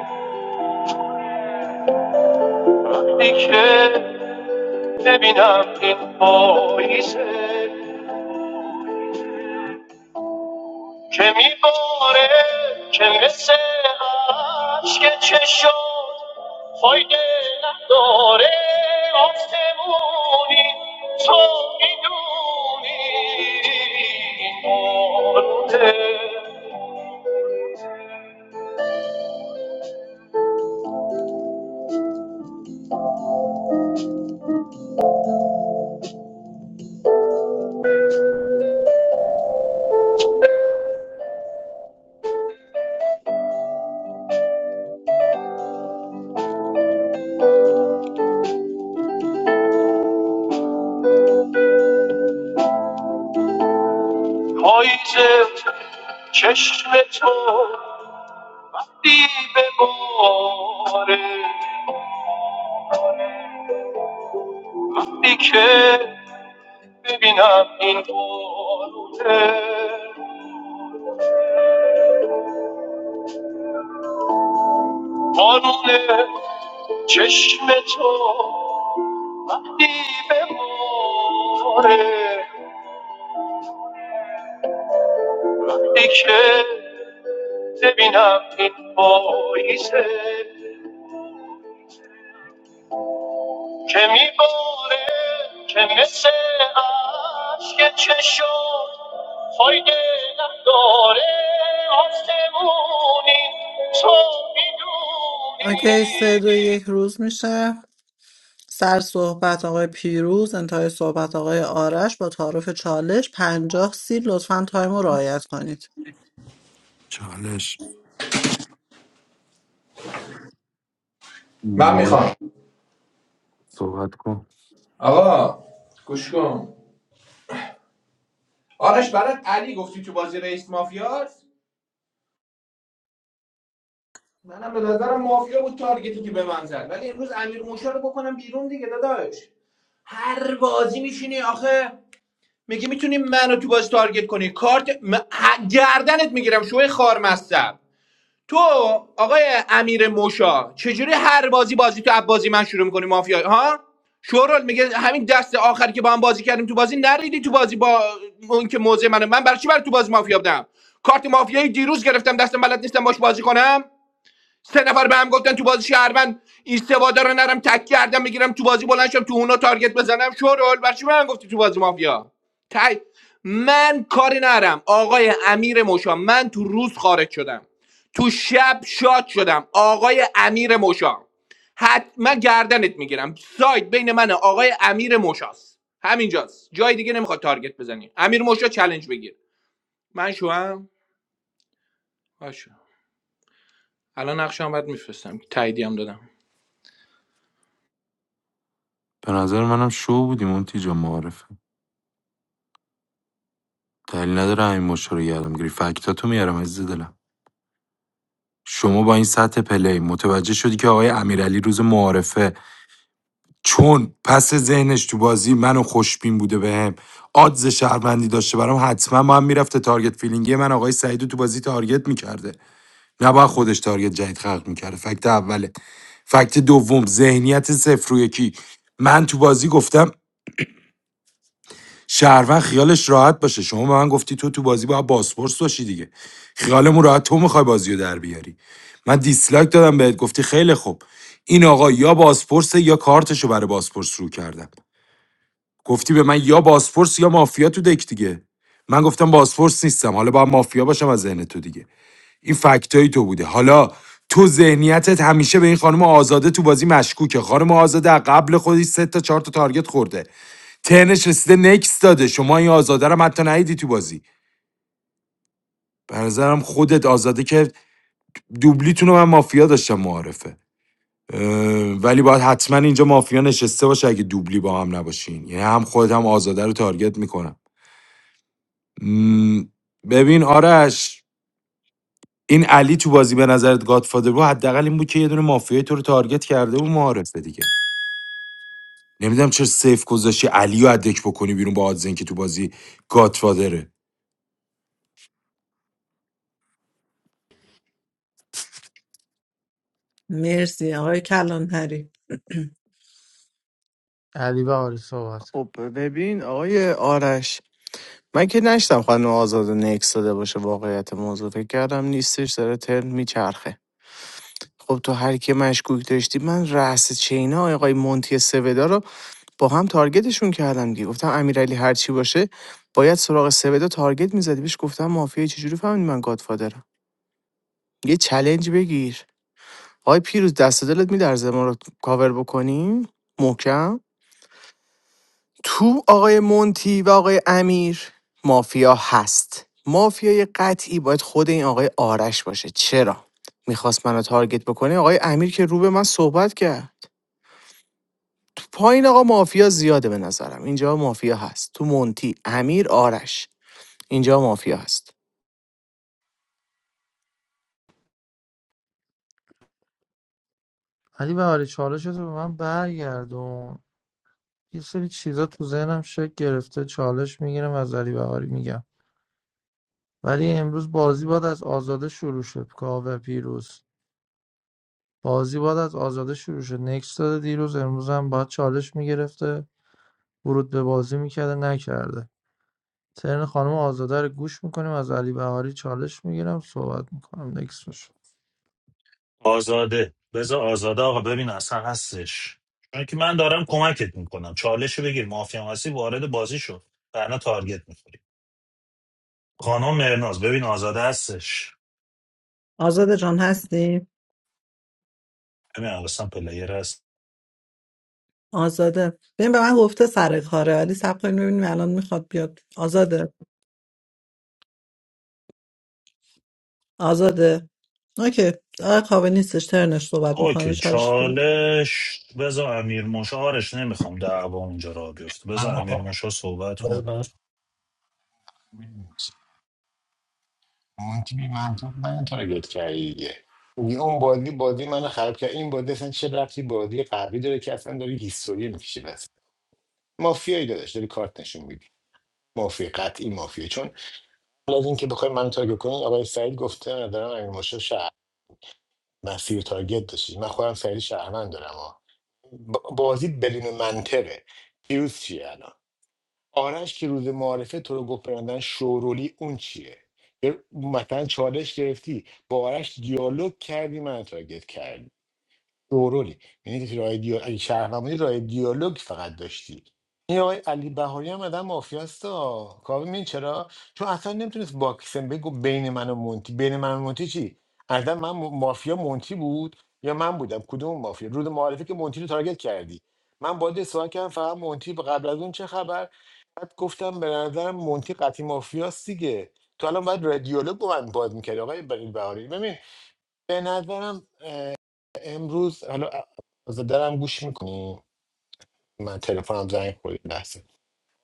وقتی که ببینم این پاییزه که میباره که مثل عشق چه شد فایده نداره آسمونی تو میدونی این بارونه پاییزه چشم تو وقتی به باره وقتی که ببینم این بارونه بارونه چشم تو وقتی به باره وقتی که ببینم این پاییزه که میباره که مثل عشق چشم فایده نداره آسمونی تو اوکی سه میدونی دو یک روز میشه سر صحبت آقای پیروز انتهای صحبت آقای آرش با تعارف چالش پنجاه سی لطفا تایم رو رعایت کنید چالش من مون میخوام صحبت کن آقا گوش کن آرش برات علی گفتی تو بازی رئیس مافیاست منم به نظرم مافیا بود تارگتی که به من زد ولی امروز امیر موشا رو بکنم بیرون دیگه داداش هر بازی میشینی آخه میگی میتونی منو تو بازی تارگت کنی کارت م... ه- گردنت میگیرم شوی خار مصب تو آقای امیر موشا چجوری هر بازی بازی تو بازی من شروع میکنی مافیا ها شورال میگه همین دست آخری که با هم بازی کردیم تو بازی نریدی تو بازی با اون که موزه منه من برای چی برای تو بازی مافیا بودم کارت مافیایی دیروز گرفتم دستم بلد نیستم باش بازی کنم سه نفر به هم گفتن تو بازی شهروند این سوادا رو نرم تک کردم بگیرم تو بازی بلند شم تو اونا تارگت بزنم شورول بر چی به من گفتی تو بازی مافیا تای من کاری نرم آقای امیر موشا من تو روز خارج شدم تو شب شاد شدم آقای امیر موشا حتما گردنت میگیرم ساید بین من و آقای امیر موشاست همینجاست جای دیگه نمیخواد تارگت بزنی امیر موشا چلنج بگیر من شوام باشه الان نقشم برات میفرستم تاییدی هم دادم به نظر منم شو بودی مونتی جا معارفه دلیل نداره این مشا رو گردم گیری فکتاتو میارم عزیز دلم شما با این سطح پلی متوجه شدی که آقای امیرعلی روز معارفه چون پس ذهنش تو بازی منو خوشبین بوده بهم آدز شهروندی داشته برام حتما با هم میرفته تارگت فیلینگی من آقای سعیدو تو بازی تارگت میکرده نباید خودش تارگت جدید خلق میکرده فکت اوله فکت دوم ذهنیت صفر و یکی من تو بازی گفتم شهروند خیالش راحت باشه شما به من گفتی تو تو بازی باید باسپورس باشی دیگه خیالمون راحت تو میخوای بازی در بیاری من دیسلایک دادم بهت گفتی خیلی خوب این آقا یا باسپورس یا کارتشو برای باسپورس رو کردم گفتی به من یا باسفورس یا مافیا تو دک دیگه من گفتم باسفورس نیستم حالا باید مافیا باشم از ذهن تو دیگه این فکتای تو بوده حالا تو ذهنیتت همیشه به این خانم آزاده تو بازی مشکوکه خانم آزاده از قبل خودی سه تا چهار تا تارگت خورده ترنش رسیده نکس داده شما این آزاده رو حتی ندیدی تو بازی به نظرم خودت آزاده که دوبلیتون رو من مافیا داشتم معارفه ولی باید حتما اینجا مافیا نشسته باشه اگه دوبلی با هم نباشین یعنی هم خودت هم آزاده رو تارگت میکنم م، ببین آرش این علی تو بازی به نظرت گادفادر بود حداقل این بود که یه دونه مافیای تو رو تارگت کرده و معارفه دیگه نمیدونم چرا سیف گذاشتی علی رو ادک بکنی بیرون با آدزن که تو بازی گادفادره مرسی آقای کلانتری علی بهاری صحبت کن خب ببین آقای آرش من که نشتم خانم آزاد نکس داده باشه واقعیت موضوع فکر کردم نیستش داره ترن میچرخه خب تو هر کی مشکوک داشتی من رأس چینا آقای مونتی سودا رو با هم تارگتشون کردم دیگه گفتم امیرعلی هر چی باشه باید سراغ سبدا تارگت میزدی بهش گفتم مافیا چجوری فهمیدی من گادفادرم یه چلنج بگیر آقای پیروز دست و دلت میلرزه ما رو کاور بکنیم محکم تو آقای مونتی و آقای امیر مافیا هست مافیای قطعی باید خود این آقای آرش باشه چرا میخواست منو تارگت بکنه آقای امیر که رو به من صحبت کرد تو پایین آقا مافیا زیاده به نظرم اینجا مافیا هست تو مونتی امیر آرش اینجا مافیا هست علی بهاری چالش رو به من برگردون یه سری چیزا تو ذهنم شکل گرفته چالش میگیرم از علی بهاری میگم ولی امروز بازی باید از آزاده شروع شد کاوه پیروز بازی باید از آزاده شروع شد نکس داده دیروز امروز هم باید چالش میگرفته ورود به بازی میکرده نکرده ترن خانم آزاده رو گوش میکنیم از علی بهاری چالش میگیرم صحبت میکنم نکس باشه. آزاده بذار آزاده آقا ببین اصلا هستش چون که من دارم کمکت میکنم چالش بگیر مافیا هستی وارد بازی شد ورنه تارگت می‌خوری. خانم مرناز ببین آزاده هستش آزاده جان هستی؟ ببین اصلا پلیر هست آزاده ببین به من گفته سر کاره ولی سب کنیم ببینیم الان میخواد بیاد آزاده آزاده اوکی آقای کاوه نیستش ترنش صحبت میکنه اوکی چالش تو بده. چالش بذار امیر موشا آرش نمیخوام دعوا اونجا را بیفته من بذار امیر بخوام موشا صحبت بذار کن براش اون که بی من تارگت کردی دیگه میگه اون بازی بازی من خراب کرد این بازی اصلا چه ربطی بازی قبلی داره که اصلا داری هیستوری میکشی بس مافیایی داداش داری کارت نشون میدی مافیا قطعی مافیا چون حالا از اینکه بخوایم منو تارگت کنین آقای سعید گفته من دارم امیر مشکل شهر مسیر تارگت داشتی من خودم سعید شهروند دارم ها ب- بازی بدون منطقه پیروز چیه الان آرش که روز معارفه تو رو گفت برندن شورولی اون چیه یه- مثلا چالش گرفتی با آرش دیالوگ کردی من تارگت کردی دورولی یعنی که راه دیال... اگه شهروندی راه دیالوگ فقط داشتی این آقای علی بهاری هم آدم مافیاستا کاوه می‌دونی چرا چون اصلا نمیتونست باکسن بگو بین من و مونتی بین من و مونتی چی اصلا من م- مافیا مونتی بود یا من بودم کدوم مافیا رود معارفه که مونتی رو تارگت کردی من باید سوال کردم فقط مونتی به قبل از اون چه خبر بعد گفتم به نظرم مونتی قطعی مافیاست دیگه تو الان باید رادیولوگ با من باز میکردی آقای علی بهاری ببین به نظرم اه، امروز حالا آزادرم گوش میکنی من تلفنم زنگ خورد یه لحظه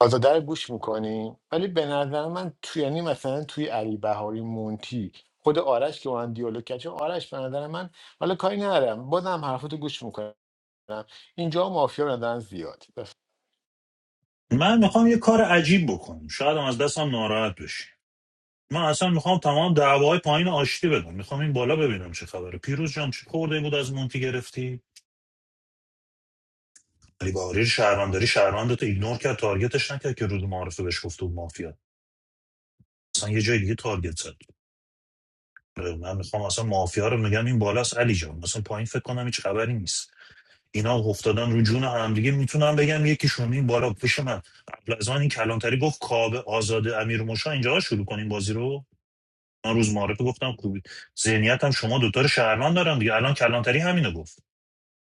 آزاده رو گوش میکنی ولی به نظر من توی یعنی مثلا توی علی بهاری مونتی خود آرش که با هم دیالوگ کرد چون آرش به نظر من حالا کاری ندارم بازم حرفاتو گوش میکنم اینجا مافیا به نظرم زیاد بس. من میخوام یه کار عجیب بکنم شاید هم از دستم ناراحت بشی من اصلا میخوام تمام دعواهای پایین آشتی بدم میخوام این بالا ببینم چه خبره پیروز جان چه خورده بود از مونتی گرفتی علی بهاری شهرانداری شهروندت ایگنور کرد تارگتش نکرد که روز معارفه بهش گفته بود مافیا اصلا یه جای دیگه تارگت زد من میخوام اصلا مافیا رو میگم این بالاست علی جان مثلا پایین فکر کنم هیچ خبری نیست اینا افتادن رو جون هم دیگه میتونم بگم یکیشون این بالا پیش من قبل از آن این کلانتری گفت کابه آزاده امیرموشا اینجا شروع کنیم بازی رو من روز معارفه گفتم خوبی ذهنیت هم شما دوتا رو شهرمان دارم دیگه الان کلانتری همینو گفت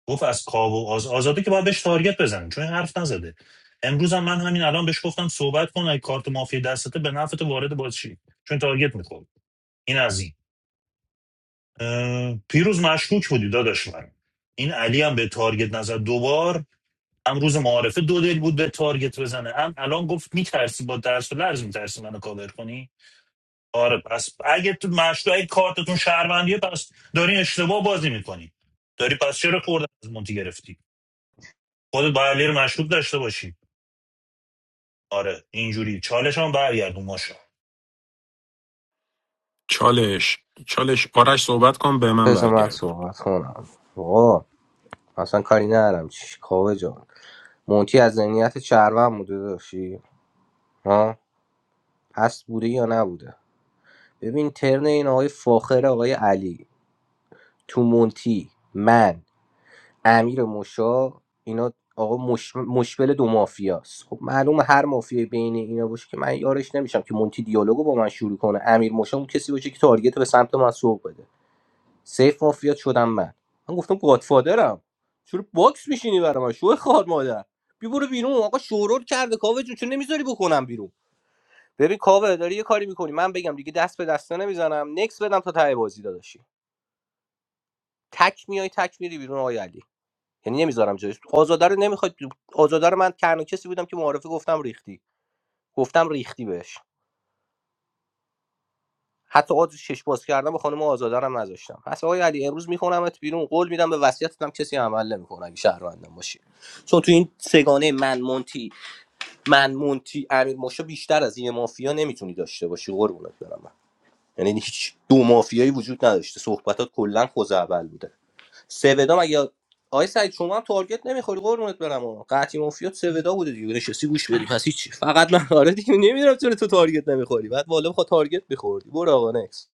گفت از کاب و آز... آزاده که باید بهش تارگت بزنیم چون این حرف نزده امروز هم من همین الان بهش گفتم صحبت کن اگه کارت مافیا دستته به نفعت وارد بازی چی چون تارگت میخوری این از این. اه، پیروز مشکوک بودی داداش من این علی هم به تارگت نزد دوبار هم روز معارفه دو دل بود به تارگت بزنه هم الان گفت میترسی با درس و لرز میترسی منو کاور کنی آره پس اگه تو مشکوک اگه کارتتون شهروندیه پس داری اشتباه بازی میکنی داری پس چرا خورده از مونتی گرفتی خودت با علی رو مشکوک داشته باشی آره اینجوری چالش هم برگردون ماشا چالش چالش آرش صحبت کن به من بذار من برگردون صحبت کنم آقا اصلا کاری ندارم چی کاوه جان. مونتی از ذهنیت شهروند بوده داشتی ها هست بوده یا نبوده ببین ترن این آقای فاخر آقای علی تو مونتی من امیر مشا اینا آقا مش... مشبل دو مافیاست خب معلوم هر مافیای بین اینا باشه که من یارش نمیشم که مونتی دیالوگو با من شروع کنه امیر مشا اون کسی باشه که تارگت رو به سمت من سوق بده سیف مافیا شدم من من گفتم گادفادرم چرا باکس میشینی برای من شو خار مادر بی برو بیرون آقا شورور کرده کاوه جون چون نمیذاری بکنم بیرون ببین کاوه داری یه کاری میکنی من بگم دیگه دست به دسته نمیزنم نکس بدم تا ته بازی داداشی تک میای تک میری بیرون آقای علی یعنی نمیذارم جایش آزاده رو نمیخواد آزاده رو من تنها کسی بودم که معارفه گفتم ریختی گفتم ریختی بهش حتی آز شش باز کردم به خانم آزاده رو نذاشتم پس آقای علی امروز میخونمت بیرون قول میدم به وصیتتم کسی عمل نمیکنه اگه شهروندم باشی چون تو این سگانه من مونتی من مونتی امیر موشا بیشتر از این مافیا نمیتونی داشته باشی قربونت برم یعنی هیچ دو مافیایی وجود نداشته صحبتات کلا خوزعبل بوده سودا مگه آقای سعید شما هم تارگت نمیخوری قربونت برم آقا. قطعی مافیات سودا بوده دیگه نشستی گوش بدی پس هیچ فقط من آره دیگه نمیدونم چرا تو تارگت نمیخوری بعد والا بخواد تارگت بخوردی برو آقا نکس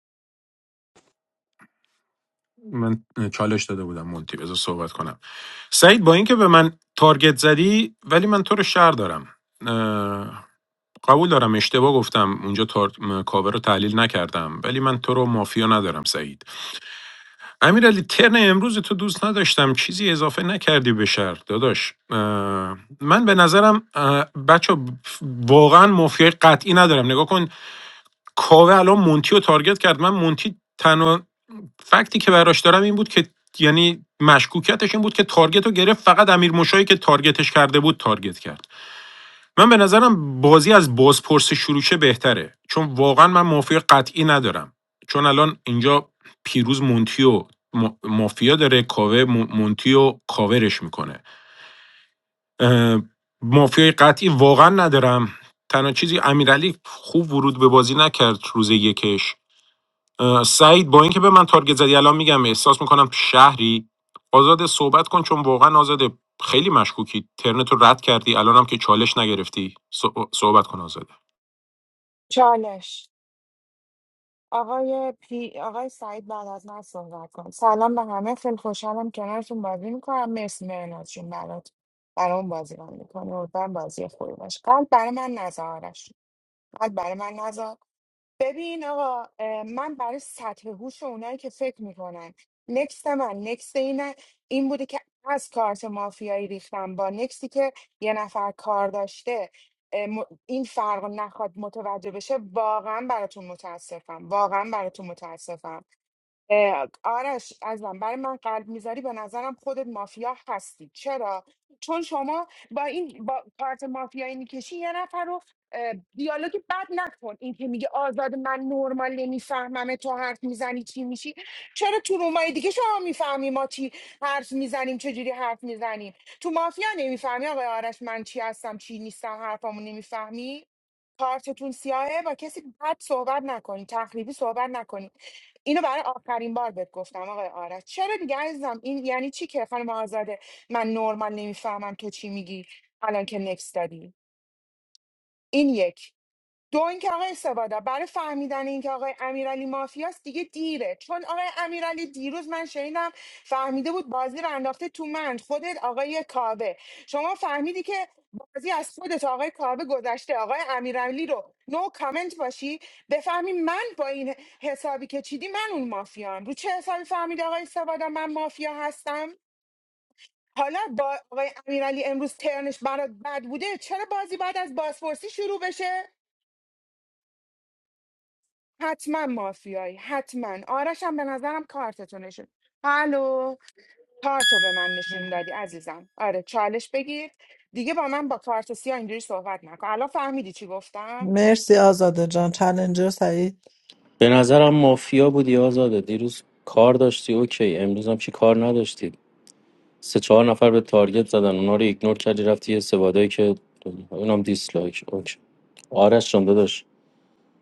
من چالش داده بودم مونتی بذار صحبت کنم سعید با اینکه به من تارگت زدی ولی من تو رو شهر دارم اه، قبول دارم اشتباه گفتم اونجا تار... م- کاوه رو تحلیل نکردم ولی من تو رو مافیا ندارم سعید امیرعلی ترن امروز تو دوست نداشتم چیزی اضافه نکردی به شرح داداش اه، من به نظرم بچه واقعا مافیای قطعی ندارم نگاه کن کاوه الان مونتی رو تارگت کرد من مونتی تنها فکتی که براش دارم این بود که یعنی مشکوکیتش این بود که تارگت رو گرفت فقط امیر مشایی که تارگتش کرده بود تارگت کرد من به نظرم بازی از بازپرس شروع شه بهتره چون واقعا من مافیا قطعی ندارم چون الان اینجا پیروز مونتیو مافیا داره کاوه مون- مونتیو کاورش میکنه مافیای قطعی واقعا ندارم تنها چیزی امیرعلی خوب ورود به بازی نکرد روز یکش سعید با اینکه به من تارگت زدی الان میگم احساس میکنم شهری آزاد صحبت کن چون واقعا آزاده خیلی مشکوکی ترنت رو رد کردی الانم که چالش نگرفتی صحبت کن آزاده چالش آقای پی... آقای سعید بعد از من صحبت کن سلام به همه خیلی خوشحالم کنارتون بازی میکنم مرسی مهناز جون برات برام بازی رو میکنی امیدوارم بازی خوبی باشه قلب برای من نذار آرش قلب برای من نذار ببین آقا اه، من برای سطح هوش اونایی که فکر میکنن نکست من نکست این این بوده که از کارت مافیایی ریختم با نکستی که یه نفر کار داشته اه، م- این فرق رو نخواد متوجه بشه واقعا براتون متاسفم واقعا براتون متاسفم اه، آرش عزیزم برای من قلب میذاری به نظرم خودت مافیا هستی چرا چون شما با این با کارت مافیایی میکشی یه نفر رو اه، دیالوگ بد نکن این که میگه آزاد من نرمال نمیفهمم تو حرف میزنی چی میشی چرا تو رومای دیگه شما میفهمی ما چی حرف میزنیم چجوری حرف میزنیم تو مافیا نمیفهمی آقای آرش من چی هستم چی نیستم حرفامو نمیفهمی کارتتون سیاهه با کسی بد صحبت نکنی تخریبی صحبت نکنی اینو برای آخرین بار بهت گفتم آقای آرش چرا دیگه عزیزم این یعنی چی که خانم آزاده من نورمال نمیفهمم تو چی میگی الان که نکس دادی این یک دو اینکه آقای سبادا برای فهمیدن اینکه آقای امیرعلی مافیاست دیگه دیره چون آقای امیرعلی دیروز من شنیدم فهمیده بود بازی رو انداخته تو من خودت آقای کاوه شما فهمیدی که بازی از خودت آقای کاوه گذشته آقای امیرعلی رو نو کامنت باشی بفهمی من با این حسابی که چیدی من اون مافیام رو چه حسابی فهمیدی آقای سبادا من مافیا هستم حالا با آقای امیرعلی امروز ترنش برات بد بوده چرا بازی بعد از بازپرسی شروع بشه حتما مافیایی حتما آرشم به نظرم کارتتو نشون الو کارتو به من نشون دادی عزیزم آره چالش بگیر دیگه با من با کارت سیاه اینجوری صحبت نکن الان فهمیدی چی گفتم مرسی آزاده جان چالنجر سعید به نظرم مافیا بودی آزاده دیروز کار داشتی اوکی امروز هم چی کار نداشتی سه چهار نفر به تارگت زدن اونا رو ایگنور کردی رفتی یه سوادایی که اونم دیسلایک اوکی آرش جان داداش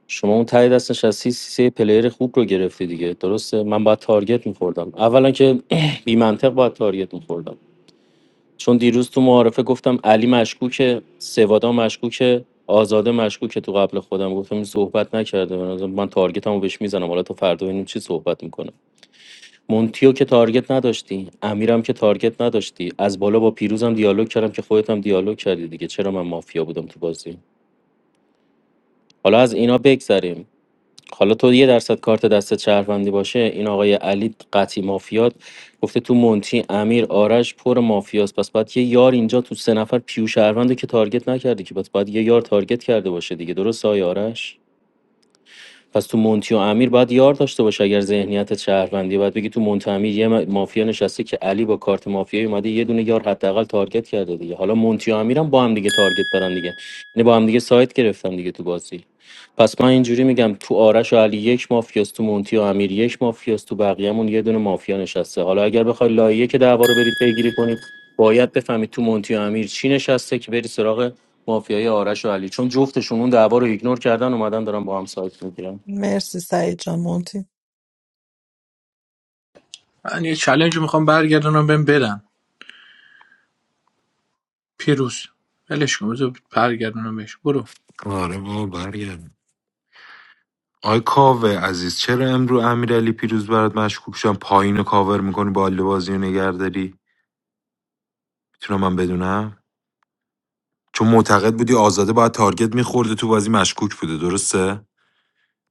شما اون ته دست نشستی سه پلیر خوب رو گرفتی دیگه درسته من باید تارگت میخوردم اولا که بی منطق باید تارگت میخوردم چون دیروز تو معارفه گفتم علی مشکوکه سوادا مشکوکه آزاده مشکوکه تو قبل خودم گفتم این صحبت نکرده به نظرم من تارگتمو بهش میزنم حالا تا فردا ببینیم چی صحبت میکنه مونتیو که تارگت نداشتی امیرم که تارگت نداشتی از بالا با پیروزم دیالوگ کردم که خودت هم دیالوگ کردی دیگه چرا من مافیا بودم تو بازی حالا از اینا بگذریم حالا تو یه درصد کارت دستت شهروندی باشه این آقای علی قطعی مافیات گفته تو مونتی امیر آرش پر مافیاست پس باید یه یار اینجا تو سه نفر پیو شهروند رو که تارگت نکرده که پس باید یه یار تارگت کرده باشه دیگه درست آقای آرش پس تو مونتی و امیر باید یار داشته باشه اگر ذهنیت شهروندی باید بگی تو مونتی امیر یه م- مافیا نشسته که علی با کارت مافیایی اومده یه دونه یار حداقل تارگت کرده دیگه حالا مونتی و امیرم با هم دیگه تارگت برن دیگه یعنی با هم دیگه سایت گرفتن دیگه تو بازی پس من اینجوری میگم تو آرش و علی یک مافیاست تو مونتی و امیر یک مافیاست تو بقیه‌مون یه دونه مافیا نشسته حالا اگر بخوای لایه که دعوا رو برید پیگیری کنید باید بفهمید تو مونتی و امیر چی نشسته که بری سراغ مافیای آرش و علی چون جفتشون اون دعوا رو ایگنور کردن اومدن دارن با هم سایت میگیرن مرسی سعید جان مونتی من یه چلنج میخوام برگردونم بهم بدن پیروز ولش کن بذار برگردونم بهش برو آره بابا برگرد آی کاوه عزیز چرا امرو امیرعلی پیروز برات مشکوک شدم پایین رو کاور میکنی بالا بازی رو نگهداری میتونم من بدونم چون معتقد بودی آزاده باید تارگت میخورده تو بازی مشکوک بوده درسته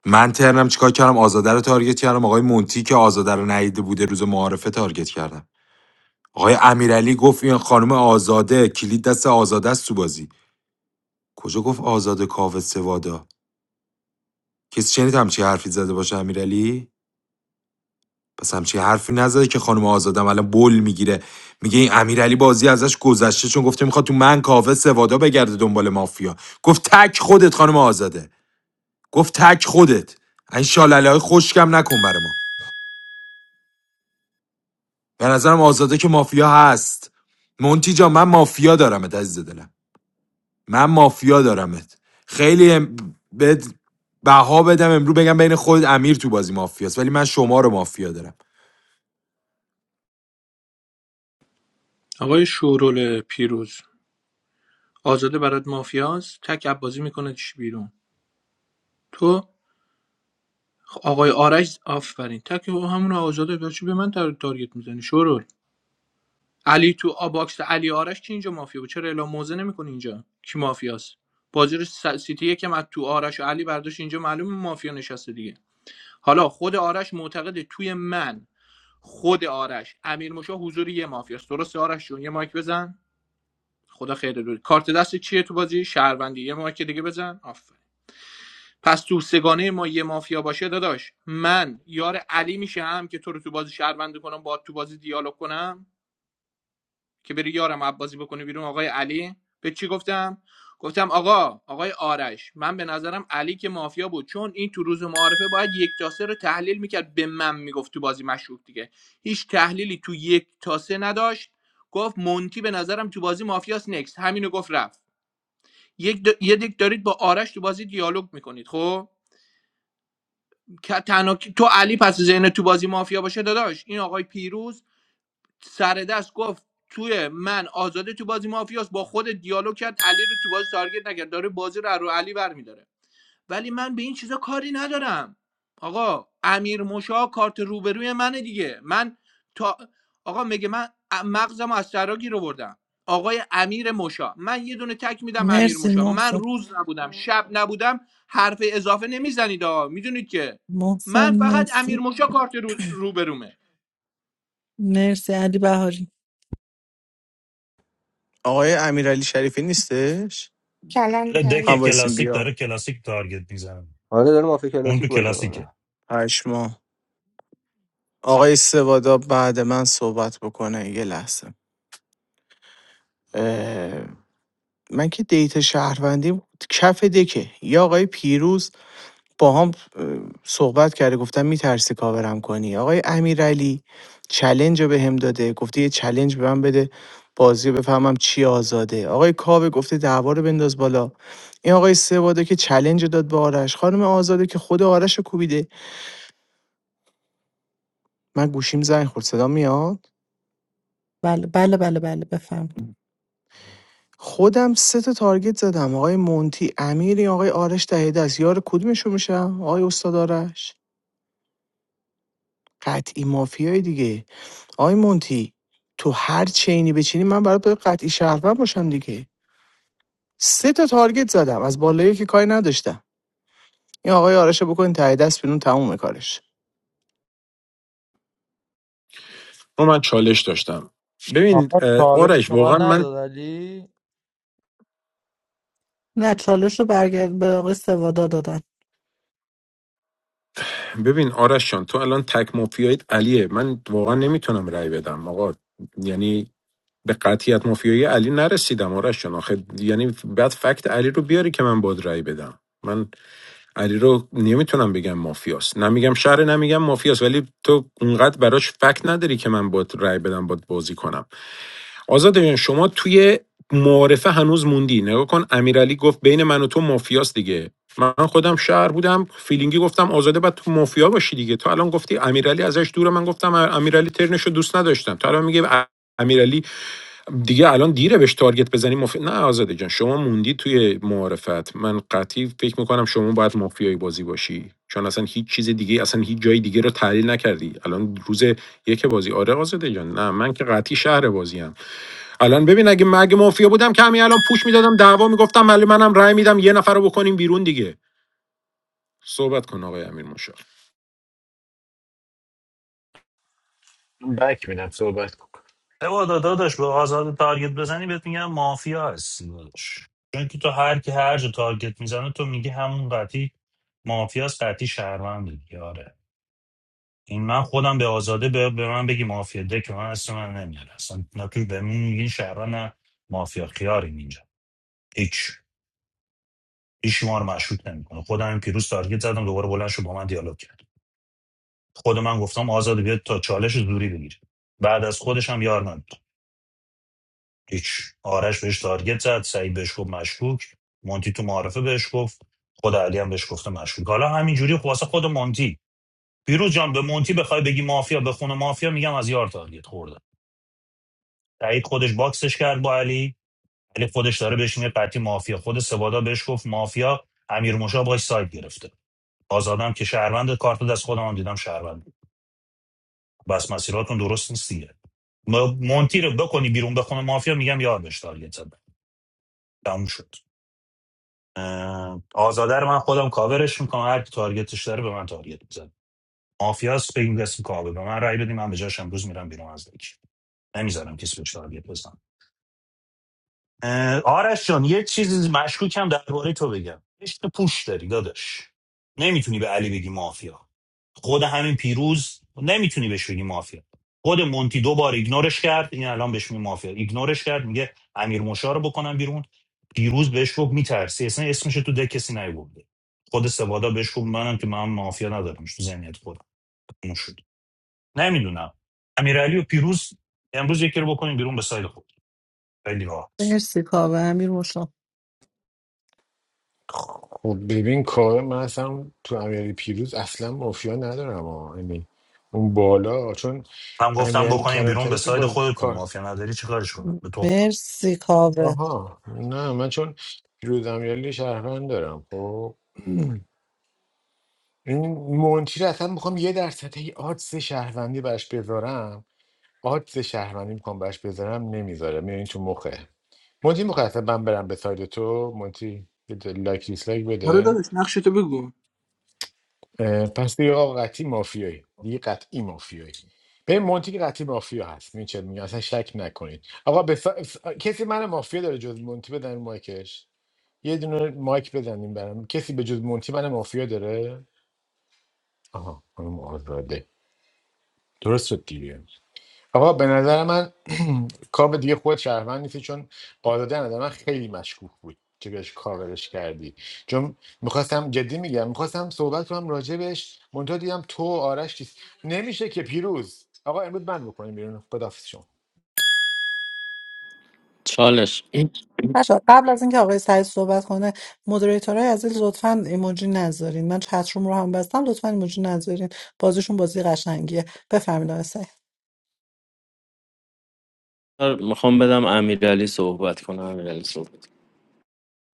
من ترنم چیکار کردم آزاده رو تارگت کردم آقای مونتی که آزاده رو ندیده بوده روز معارفه تارگت کردم آقای امیرعلی گفت این خانم آزاده کلید دست آزاده است تو بازی کجا گفت آزاده کاوه سوادا کسی شنید همچی حرفی زده باشه امیرعلی پس همچی حرفی نزده که خانم آزاده هم الان بل میگیره میگه این امیرعلی بازی ازش گذشته چون گفته میخواد تو من کاوه سوادا بگرده دنبال مافیا گفت تک خودت خانم آزاده گفت تک خودت این شالله های نکن برا به نظرم آزاده که مافیا هست مونتی جا من مافیا دارمت عزیز دلم من مافیا دارمت خیلی ام- بد بها بدم امرو بگم بین خود امیر تو بازی مافیاست ولی من شما رو مافیا دارم آقای شورول پیروز آزاده برات مافیاس تک بازی میکنه چی بیرون تو خب، آقای آرش آفرین تک او همون آزاده برای چی به من تار تارگت میزنی شورول علی تو آ- باکس علی آرش چی اینجا مافیا بود چرا اعلام موزه نمیکنی اینجا کی مافیاست بازی رو س- سیتی یکم از تو آرش و علی برداشت اینجا معلومه مافیا نشسته دیگه حالا خود آرش معتقده توی من خود آرش امیر موشا حضور یه مافیاست درسته آرش جون یه مایک بزن خدا خیر دور کارت دست چیه تو بازی شهروندی یه مایک دیگه بزن آفرین پس تو سگانه ما یه مافیا باشه داداش من یار علی میشم که تو رو تو بازی شهروندی کنم با تو بازی دیالوگ کنم که بری یارم عباسی بکنی بیرون آقای علی به چی گفتم گفتم آقا آقای آرش من به نظرم علی که مافیا بود چون این تو روز معارفه باید یک تاسه رو تحلیل میکرد به من میگفت تو بازی مشروب دیگه هیچ تحلیلی تو یک تاسه نداشت گفت مونتی به نظرم تو بازی مافیاس نکس همینو گفت رفت یک د... یه دیک دارید با آرش تو بازی دیالوگ میکنید خب که تنها تو علی پس ذهن تو بازی مافیا باشه داداش این آقای پیروز سر دست گفت توی من آزاده تو بازی مافیاس با خود دیالوگ کرد علی رو تو بازی تارگت نکرد داره بازی رو از رو علی برمیداره ولی من به این چیزا کاری ندارم آقا امیر مشا کارت روبروی منه دیگه من تا آقا میگه من مغزم از سرا رو آوردم آقای امیر مشا من یه دونه تک میدم امیر مرسی مشا من محسن روز نبودم شب نبودم حرف اضافه نمیزنید آقا میدونید که محسن من فقط امیر مرسی مشا کارت رو... روبرومه مرسی علی بهاری آقای امیرعلی شریفی نیستش دک هم کلانتریه وایسیم کلاسیک بیا داره کلاسیک تارگت میزنه آره داره مافیا اون کلاسیک تو بازی میکنه کلاسیکه پشما آقای سوادا بعد من صحبت بکنه یه لحظه اه، من که دیتا شهروندیم کف دکه یا آقای پیروز باهام صحبت کرده گفتم میترسی کاورم کنی آقای امیرعلی چلنج رو به هم داده گفته یه چلنج به من بده بازی رو بفهمم چی آزاده آقای کاوه گفته دعوا رو بنداز بالا این آقای سواده که چلنج رو داد به آرش خانم آزاده که خود آرش رو کوبیده من گوشیم زنگ خورد صدا میاد بله بله بله بله بفهمید خودم سه تا تارگت زدم آقای مونتی امیری آقای آرش دهیده است یار کدومشون میشم آقای استاد آرش قطعی مافیای دیگه آقای مونتی تو هر چینی بچینی من برات باید قطعی شهروند باشم دیگه سه تا تارگت زدم از بالایی که کاری نداشتم این آقای آرش رو بکنین ته دست بیرون تموم کارش چون من چالش داشتم ببین آقا اه، چالش آرش به واقعا من من نداد علی نه چالش رو برگرد به آقای سوادا دادن ببین آرش جان تو الان تک مافیایت علیه من واقعا نمیتونم رأی بدم آقا یعنی به قطعیت مافیایی علی نرسیدم آرش جان آخه یعنی بعد فکت علی رو بیاری که من باد رأی بدم من علی رو نمیتونم بگم مافیاست نمیگم شهر نمیگم مافیاست ولی تو اونقدر براش فکت نداری که من باد رأی بدم باد بازی کنم آزاده جان، شما توی معارفه هنوز موندی نگاه کن امیرعلی گفت بین من و تو مافیاست دیگه من خودم شهر بودم فیلینگی گفتم آزاده بعد تو مافیا باشی دیگه تو الان گفتی امیرعلی ازش دوره من گفتم امیرعلی ترنشو دوست نداشتم تو الان میگه امیرعلی دیگه الان دیره بهش تارگت بزنی مافی... نه آزاده جان شما موندی توی معارفت من قطعی فکر میکنم شما باید مافیای بازی باشی چون اصلا هیچ چیز دیگه اصلا هیچ جای دیگه رو تحلیل نکردی الان روز یک بازی آره آزاده جان نه من که قطعی شهر بازیم الان ببین اگه مگه مافیا بودم که همین الان پوش میدادم دعوا میگفتم ولی منم رأی میدم یه نفر رو بکنیم بیرون دیگه صحبت کن آقای امیر مشاور بک میدم صحبت کن بابا داداش به آزاد تارگت بزنی بهت میگم مافیا هستی داداش چون که تو هر کی هر جا تارگت میزنه تو میگی همون قطعی مافیاس قطعی شهروند دیگه آره این من خودم به آزاده به, به من بگی مافیا ده که من اصلا من نمیاره اصلا نه توی به من میگین شهروند نه مافیا خیارین اینجا هیچ هیچ ما رو مشروط نمیکنه خودم این پیروز تارگت زدم دوباره بلند شد با من دیالوگ کرد خود من گفتم آزاده بیاد تا چالش زوری بگیره بعد از خودش هم یار نداره. هیچ آرش بهش تارگت زد سعید بهش گفت مشکوک مونتی تو معارفه بهش گفت خود علی هم بهش گفته مشکوک حالا همینجوری خب واسه خود مونتی پیروز جان به مونتی بخوای بگی مافیا به خونه مافیا میگم از یار تارگت خورده سعید خودش باکسش کرد با علی علی خودش داره بهش میگه قطعی مافیا خود سوادا بهش گفت مافیا امیر موشا باش سایت گرفته آزادم که شهروند کارت دست خودم هم دیدم شهروند بس مسیراتون درست نیست دیگه م- مونتی رو بکنی بیرون بخونه مافیا میگم یار بهش تارگت زد تموم شد اه، آزاده رو من خودم کاورش میکنم هر کی تارگتش داره به من تارگت میزنه مافیاس به این قسم کابه به من رای بدیم من به جاش امروز میرم بیرون از دیگه نمیذارم کسی بهش تارگت بزنم اه، آرش جان یه چیزی مشکوکم درباره تو بگم عشق پوش داری داداش نمیتونی به علی بگی مافیا خود همین پیروز نمیتونی بهش بگی مافیا خود مونتی دو بار ایگنورش کرد این الان بهش میگه مافیا ایگنورش کرد میگه امیر موشا رو بکنم بیرون پیروز بهش گفت میترسی اصلا اسمش تو ده کسی نیورده خود سوادا بهش گفت منم که من مافیا ندارم تو ذهنیت خودم اون شد نمیدونم امیرعلی و پیروز امروز یکی رو بکنیم بیرون به ساید خود خیلی راحت مرسی کاوه امیر مشا خب ببین کار من اصلا تو امیرعلی پیروز اصلا مافیا ندارم ها یعنی اون بالا چون من گفتم امیرعلی بکنیم بیرون به کلانتری که ساید با خودتون کار مافیا نداری چیکارش کنم به تو خود. مرسی کاوه آها نه من چون پیروز امیرعلی شهروند دارم خب این مونتی رو اصلا میخوام یه درصد هی آدز شهروندی براش بذارم آدز شهروندی میخوام براش بذارم نمیذاره میرین تو مخه مونتی میخواه اصلا من برم به ساید تو مونتی یه لایک دیسلایک بده اه، پس دیگه آقا قطعی مافیایی دیگه قطعی مافیایی به مونتی که قطعی مافیا هست این چه میگه اصلا شک نکنید آقا به ف... ف- کسی من مافیا داره جز مونتی بدن رو مایکش یه دونه مایک بزنیم برام کسی به جز مونتی من مافیا داره آها خانم آزاده درست شد دیگه آقا به نظر من کاو دیگه خود شهروند نیستی چون قاعدتا نظر من خیلی مشکوک بود که بهش کاورش کردی چون میخواستم جدی میگم میخواستم صحبت کنم راجع بهش منتها دیدم تو و آرش چیز نمیشه که پیروز آقا امروز من بکنیم بیرون خداحافظ شما چالش این نشد قبل از اینکه آقای سعید صحبت کنه مدریتورهای عزیز لطفا ایموجی نذارین من چتروم رو هم بستم لطفا ایموجی نذارین بازیشون بازی قشنگیه بفرمایید آقای سعید کار میخوام بدم امیرعلی صحبت کنه امیرعلی صحبت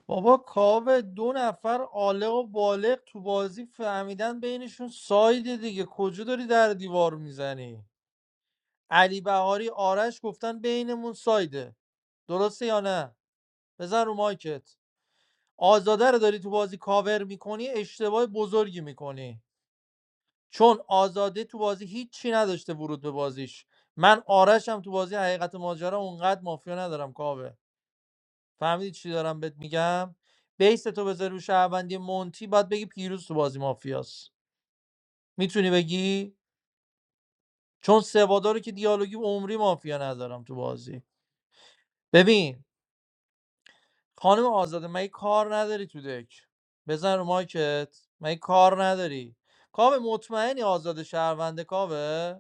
بابا کاوه دو نفر عالق و بالغ تو بازی فهمیدن بینشون سایده دیگه کجا داری در دیوار میزنی علی بهاری آرش گفتن بینمون سایده درسته یا نه بزن رو مایکت آزاده رو داری تو بازی کاور میکنی اشتباه بزرگی میکنی چون آزاده تو بازی هیچی نداشته ورود به بازیش من آرشم تو بازی حقیقت ماجرا اونقدر مافیا ندارم کاوه فهمیدی چی دارم بهت میگم بیس تو بذاری رو شهروندی مونتی باید بگی پیروز تو بازی مافیاست میتونی بگی چون سوادارو که دیالوگی عمری مافیا ندارم تو بازی ببین خانم آزاده مگه کار نداری تو دک بزن رو مایکت مگه کار نداری کاوه مطمئنی آزاده شهرونده کاوه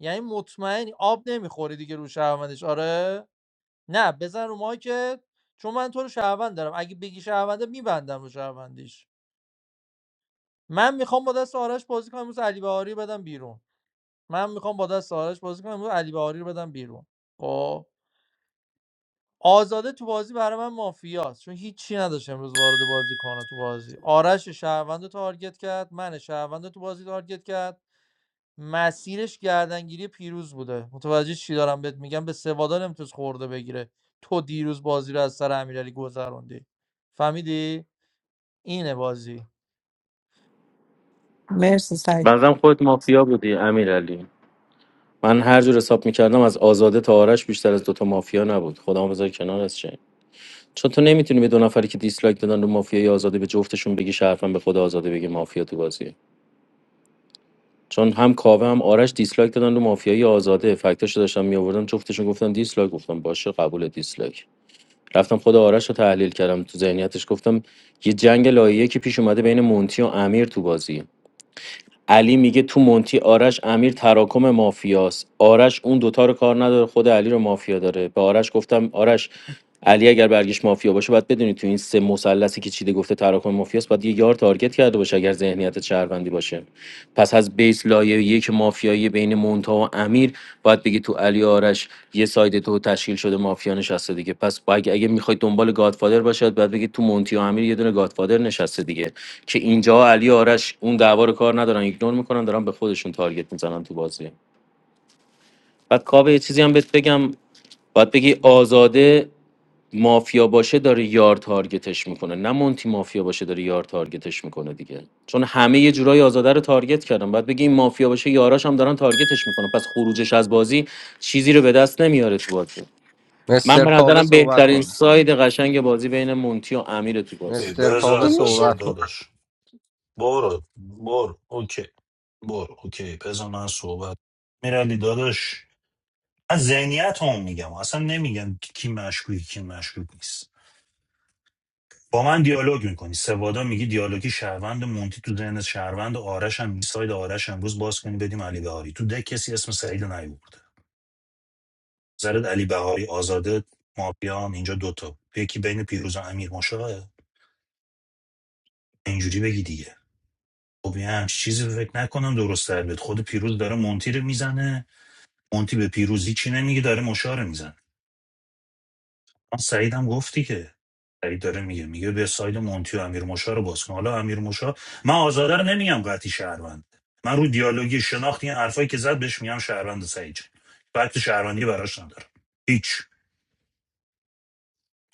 یعنی مطمئنی آب نمیخوری دیگه رو شهروندش آره نه بزن رو مایکت چون من تو رو شهروند دارم اگه بگی شهرونده میبندم رو شهروندیش من میخوام با دست آرش بازی کنم امروز علی بهاری رو بدم بیرون من میخوام با دست آرش بازی کنم امروز علی بهاری رو بدم بیرون خب آزاده تو بازی برای من مافیاست چون هیچی نداشت امروز وارد بازی کنه تو بازی آرش شهروند رو تارگت کرد من شهروند رو تو بازی تارگت کرد مسیرش گردنگیری پیروز بوده متوجه چی دارم بهت میگم به سوادا نمیتونست خورده بگیره تو دیروز بازی رو از سر امیرعلی گذروندی فهمیدی اینه بازی مرسی سعید بنظرم خودت مافیا بودی امیرعلی من هر جور حساب میکردم از آزاده تا آرش بیشتر از دوتا مافیا نبود خودم بذار کنار از چه چون تو نمیتونی به دو نفری که دیسلایک دادن رو مافیای آزاده به جفتشون بگی شرفم به خود آزاده بگی مافیا تو بازیه چون هم کاوه هم آرش دیسلایک دادن رو مافیای آزاده فکتاشو داشتم میآوردم جفتشون گفتن دیسلایک گفتم باشه قبول دیسلایک رفتم خود آرش رو تحلیل کردم تو ذهنیتش گفتم یه جنگ لایه که پیش اومده بین مونتی و امیر تو بازی علی میگه تو مونتی آرش امیر تراکم مافیاست آرش اون دوتا رو کار نداره خود علی رو مافیا داره به آرش گفتم آرش علی اگر برگش مافیا باشه باید بدونی تو این سه مثلثی که چیده گفته تراکم مافیاست باید یه یار تارگت کرده باشه اگر ذهنیت شهروندی باشه پس از بیس لایه یک مافیایی بین مونتا و امیر باید بگی تو علی آرش یه ساید تو تشکیل شده مافیا نشسته دیگه پس با- اگه اگه میخواید دنبال گادفادر باشد باید بگید تو مونتی و امیر یه دونه گادفادر نشسته دیگه که اینجا علی آرش اون دعوا رو کار ندارن ایگنور میکنن دارن به خودشون تارگت میزنن تو بازی بعد کاوه یه چیزی هم بهت بگم باید بگی آزاده مافیا باشه داره یار تارگتش میکنه نه مونتی مافیا باشه داره یار تارگتش میکنه دیگه چون همه یه جورایی آزاده رو تارگت کردن بعد بگی این مافیا باشه یاراش هم دارن تارگتش میکنن پس خروجش از بازی چیزی رو به دست نمیاره تو بازی من مستر به کاوه نظرم صحبت بهترین کنه ساید قشنگ بازی بین مونتی و امیر تو بازی ای مستر کاوه تو بذار میشه بذار صحبت کنه دادش برو برو اوکی برو اوکی بذار من صحبت میرعلی داداش من ذهنیت هم میگم اصلا نمیگم که کی مشکوکی کی مشکوک نیست با من دیالوگ میکنی سوادا میگی دیالوگی شهروند مونتی تو ذهن شهروند آرش هم میگی ساید آرش امروز باز کنی بدیم علی بهاری تو ده کسی اسم سعید نیورده زرد علی بهاری آزاده مافیان اینجا دوتا یکی بین پیروز و امیر مشاه اینجوری بگی دیگه خب یه همچین چیزی رو فکر نکنم درست در بیاد خود پیروز داره مونتی رو میزنه مونتی به پیروز هیچی نمیگه داره مشاره میزنه آن سعید هم گفتی که سعید داره میگه میگه به ساید مونتی و امیر موشا رو باز کن حالا امیر موشا من آزاده رو نمیگم قطعی شهروند من رو دیالوگی شناختی این حرفایی که زد بهش میگم شهروند سعید جان. فکت شهروندی براش ندارم هیچ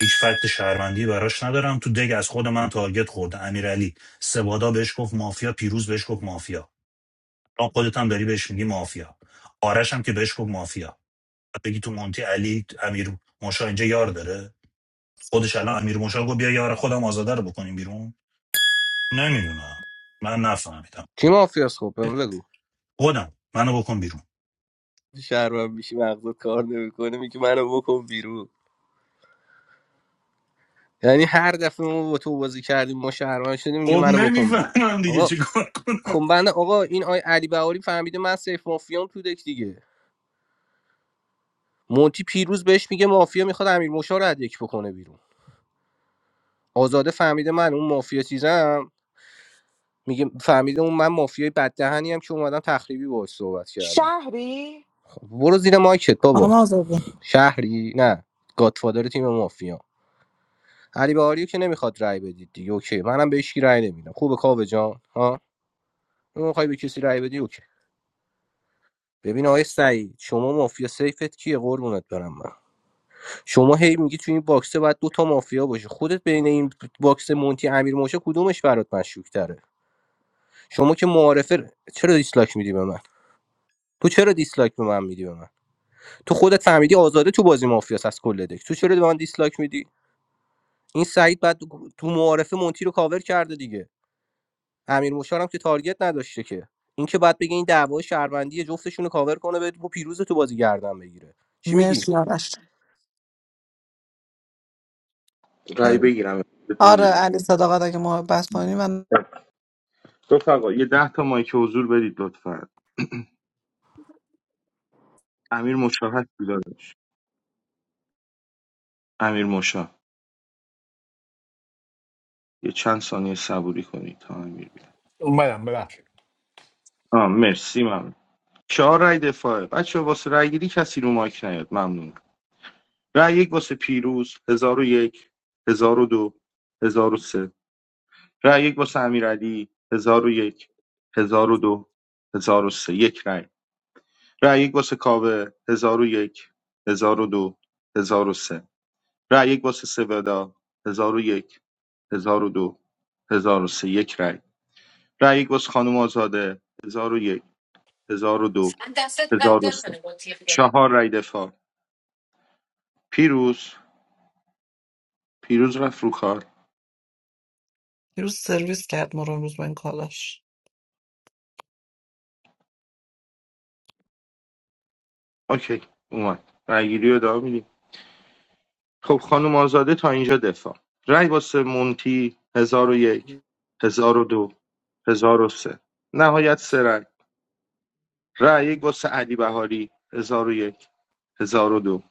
هیچ فکت شهروندی براش ندارم تو دگ از خود من تارگت خورده امیرعلی سبادا بهش گفت مافیا پیروز بهش گفت مافیا الان خودت هم داری بهش میگی مافیا آرش هم که بهش گفت مافیا بعد بگی تو مونتی علی امیر موشا اینجا یار داره خودش الان امیر مشال گفت بیا یار خودم آزاده رو بکنیم بیرون نمیدونم من نفهمیدم کی مافیاس خب بهم بگو خودم منو بکن بیرون شهر میشی مغزت کار نمیکنه میگه منو بکن بیرون یعنی هر دفعه ما با تو بازی کردیم ما شهروند شدیم میگه خب منو بکن بیرون نمیفهمم دیگه آقا چیکار کنم خب بنده آقا این آی علی بهاری فهمیده من سیف مافیام تو دک دیگه مونتی پیروز بهش میگه مافیا میخواد امیر مشا رو از یک بکنه بیرون آزاده فهمیده من اون مافیا چیزم میگه فهمیده اون من مافیای بددهنی هم که اومدم تخریبی باهاش صحبت کردم شهری خب برو زیر مایکت بابا اما آزادی شهری نه گادفادر تیم مافیا علی بهاریو که نمیخواد رای بدید دیگه اوکی منم بهش کی رای نمیدم خوبه کاوه جان ها میخوای به کسی رای بدی اوکی. ببین آقای سعید شما مافیا سیفت کیه قربونت برم من شما هی میگی تو این باکسه باید دو تا مافیا باشه خودت بین این باکس مونتی امیر موشه کدومش برات مشکوک تره شما که معارفه چرا دیسلاک میدی به من تو چرا دیسلاک به من میدی به من تو خودت فهمیدی آزاده تو بازی مافیاس از کل دک تو چرا به من دیسلاک میدی این سعید بعد تو معارفه مونتی رو کاور کرده دیگه امیر هم که تارگت نداشته که این که بعد بگه این دعوای شهروندی جفتشون رو کاور کنه به پیروز تو بازی گردن بگیره چی میگی مرسی آرش رای سعید. بگیرم بهت آره میگیری علی صداقت اگه محبت کنی Mhm. من رفقا یه ده تا مایک حضور بدید لطفا امیر مشا هستی داداش امیر مشا یه چند ثانیه صبوری کنید تا امیر بیاد اومدم ببخشید آه مرسی ممنون چهار رای دفاعه بچه واسه رای گیری کسی رو مایک نیاد ممنون رای یک واسه پیروز هزار و یک هزار و دو هزار و سه رای یک واسه امیرعلی هزار و یک هزار و دو هزار و سه یک رای رای یک واسه کاوه هزار و یک هزار و دو هزار و سه رای یک واسه سودا هزار و یک هزار و دو هزار و سه یک رای رای یک واسه خانم آزاده هزار و یک هزار و دو دستت هزار درد و سه نکنه با تیغ گره. چهار رای دفاع پیروز پیروز رفت رو کار روز سرویس کرد ما رو امروز با این کالاش اوکی اومد رای گیری رو ادامه می‌دیم. خب خانم آزاده تا اینجا دفاع رأی واسه مونتی هزار و یک هزار و دو هزار و سه نهایت سه رأی رأی یک واسه علی بهاری هزار و یک هزار و دو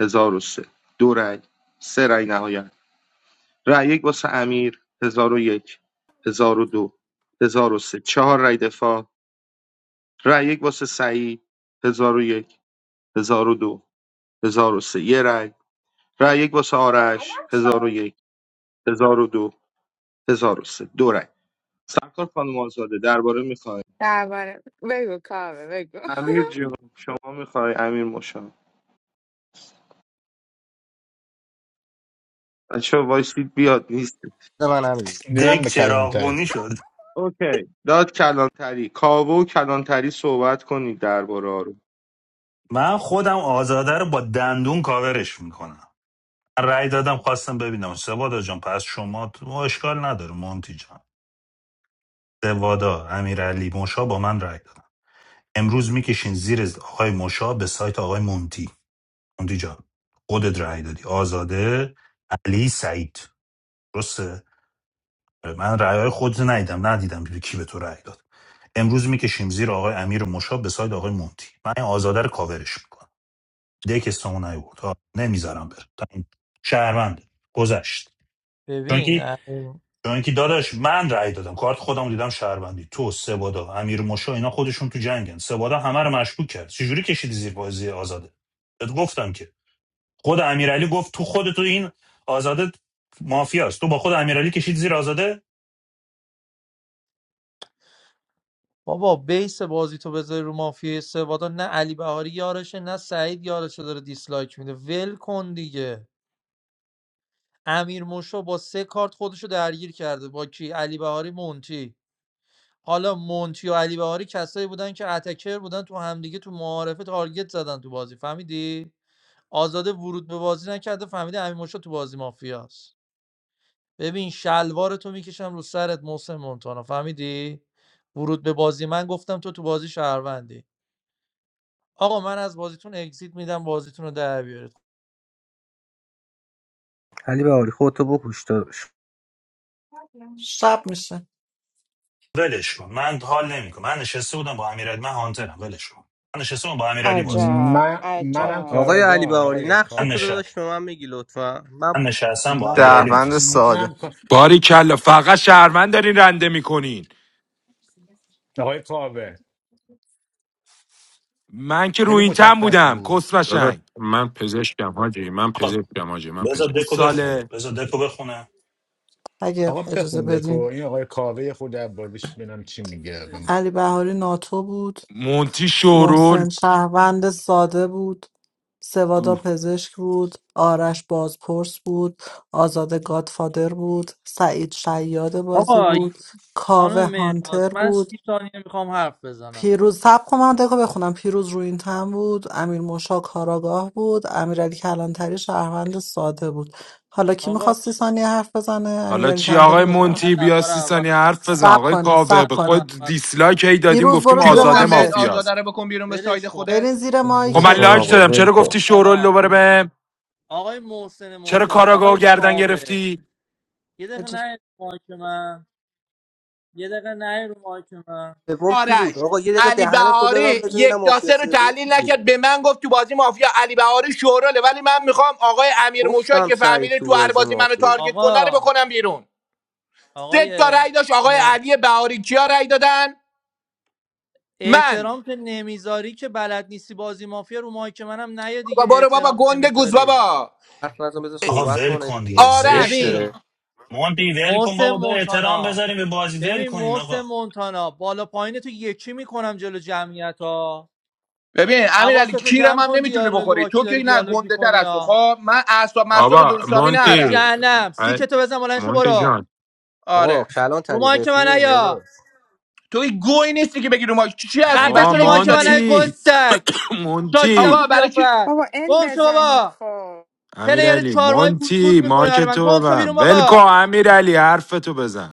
هزار و سه دو رأی سه رأی نهایت رأی یک واسه امیر هزار و یک هزار و دو هزار و سه چهار رأی دفاع رأی یک واسه سعید هزار و یک هزار و دو هزار و سه یه رأی رأی یک واسه آرش هزار و یک هزار و دو 1003 دو رای سرکار خانم آزاده درباره میخوای درباره بگو کاوه بگو امیر جون شما میخوای امیر مشا بچه وایسید بیاد نیست من همین دیدم دک به کلانتری چراغبونی شد اوکی داد کلانتری کاوه و کلانتری صحبت کنید درباره رو من خودم آزاده رو با دندون کاورش میکنم من رأی دادم خواستم ببینم سوادا جان پس شما تو اشکال نداره مونتی جان سوادا امیرعلی موشا با من رأی دادن امروز میکشین زیر آقای موشا به سایت آقای مونتی مونتی جان خودت رأی دادی آزاده علی سعید درسته من رأی خود ندیدم ندیدم به کی به تو رأی داد امروز میکشیم زیر آقای امیر مشا به ساید آقای مونتی من این آزاده رو کاورش میکنم دک استمون نیورد ها نمیذارم بره تا این شهروند گذشت چون که ببین چون که داداش من رأی دادم کارت خودم رو دیدم شهروندی تو سبادا امیر مشا اینا خودشون تو جنگن سبادا همه رو مشکوک کرد چجوری کشیدی زیر بازی آزاده بهت گفتم که خود امیرعلی گفت تو خود تو این آزاده مافیاست تو با خود امیرعلی کشید زیر آزاده بابا بیس بازی تو بذاری رو مافیا سوادا نه علی بهاری یارشه نه سعید یارشه داره دیسلایک میده ول کن دیگه امیر موشو با سه کارت خودشو درگیر کرده با کی علی بهاری مونتی حالا مونتی و علی بهاری کسایی بودن که اتکر بودن تو همدیگه تو معارفه تارگت زدن تو بازی فهمیدی آزاده ورود به بازی نکرده فهمیده امیر موشو تو بازی مافیاست ببین شلوار تو میکشم رو سرت محسن مونتانا فهمیدی ورود به بازی من گفتم تو تو بازی شهروندی آقا من از بازیتون اگزیت میدم بازیتون رو در بیارید علی بهاری خودتو بکش داداش شب میشه ولش کن من حال نمیکنم من نشسته بودم با امیرعلی من هانترم ولش کن من نشسته بودم با امیرعلی بازی کنم عجب من آه. منم عجب آقای علی کاراگاه بهاری آقای نقش من تو نش کاوه داداش به من میگی لطفا من من نشستم با منم امیرعلی شهروند بازی کنم ساده منم کا- باری کلا فقط شهروند دارین رنده میکنین آقای کاوه من که رو خیلی این تن مشخص بودم بود کس داداش قشنگ من پزشکم حاجی من آقا پزشکم حاجی من بذار پزشکم دکو بخونه گوساله بذار دکو بخونه اگه آقا اجازه بخون دکو بدین این آقای کاوه خود عبادیش ببینم چی میگه به ما علی بهاری ناتو بود مونتی شورول محسن شهروند ساده بود سوادا پزشک بود آرش بازپرس بود آزاده گادفادر بود سعید شیاد بازی آقا بود خانم کاوه مهناز هانتر من بود سی ثانیه میخوام حرف بزنم پیروز سب کن من دکو بخونم پیروز روینتن بود امیر موشا کاراگاه بود امیرعلی کلانتری شهروند ساده بود حالا کی آقا میخواستی ثانیه حرف بزنه حالا امیرعلی چی من کلانتری آقای بفهم من مونتی بیا نفر سی اول ثانیه حرف رفتم بزن سب آقای کنید من کاوه سب به نفر کنید خود اول دیسلایک رفتم هی دادیم پیروز گفتیم برو چی زیر آزاده گفتم بهت مایکت مافیاست آزاده رو بکن بیرون به ساید ولش کن خودت برین زیر آه، خب ول من آقای کن لایک مایکتون آقا دادم ول چرا محسن کن گفتی شورول مونتانا دوباره به آقای محسن چرا مونتانا کاراگاهو آقای گردن کاوه گرفتی یه دقیقه نه رو مایک من یه دقیقه نه رو مایک من سوم کی بود آرش آقا یه دقیقه علی دهنتو تو ببند بهاری ببینم یک مافیا داسه رو سوم کی تحلیل بود نکرد به من گفت تو بازی مافیا علی بهاری شوراله ولی من میخوام آقای امیر موشایی گفتم که سعید فهمیده تو تو هر بازی بازی منو مافیا تارگت کنه رو آقا بکنم بیرون سه تا آقای رأی داشت آقای علی بهاری کیا رأی دادن من احترام که نمیذاری که بلد نیستی بازی مافیا رو ماهی که منم نیا دیگه بابا برو بابا احترام گنده گوز نمیذاری بابا حرف نزن بذار آقا صحبت ول کنه کن دیگه دیگه زشت آرش زشته داره ببین مونتی ول کن محسن بابا به احترام مونتانا بذاریم به بازی ول ببین کنین محسن آقا مونتانا بالا پایین تو یکی میکنم جلو جمعیت ها ببین امیر علی حواستو کیرم جمع هم کن نمیتونی دیالوگ بخوری با کی تو که داری نه دیالوگ گنده تر میکنی از تو ها خب من اعصاب مصاب آبا درستابی به نرم مونتی جهنم سیکتو بزن بلند شو مونتی جان برو آقا آره کلان رو تری ماهی که من رفیقیم داداش. نیا توی گوی نیستی که بگی رو ما چی هستی خفه برای آه شو چی رو ماهی اگزییت که من نیا دادی مونتی گستک کی- شاشیدم مونتی تو آقا برای چی قیافت بابا ان گم شو بزنید بابا خب پلیر امیرعلی چهار ماهه گوز مونتی گوز میکنه مایک برای من تو به گم شو بیرون من بلکو بابا امیرعلی حرف تو بزن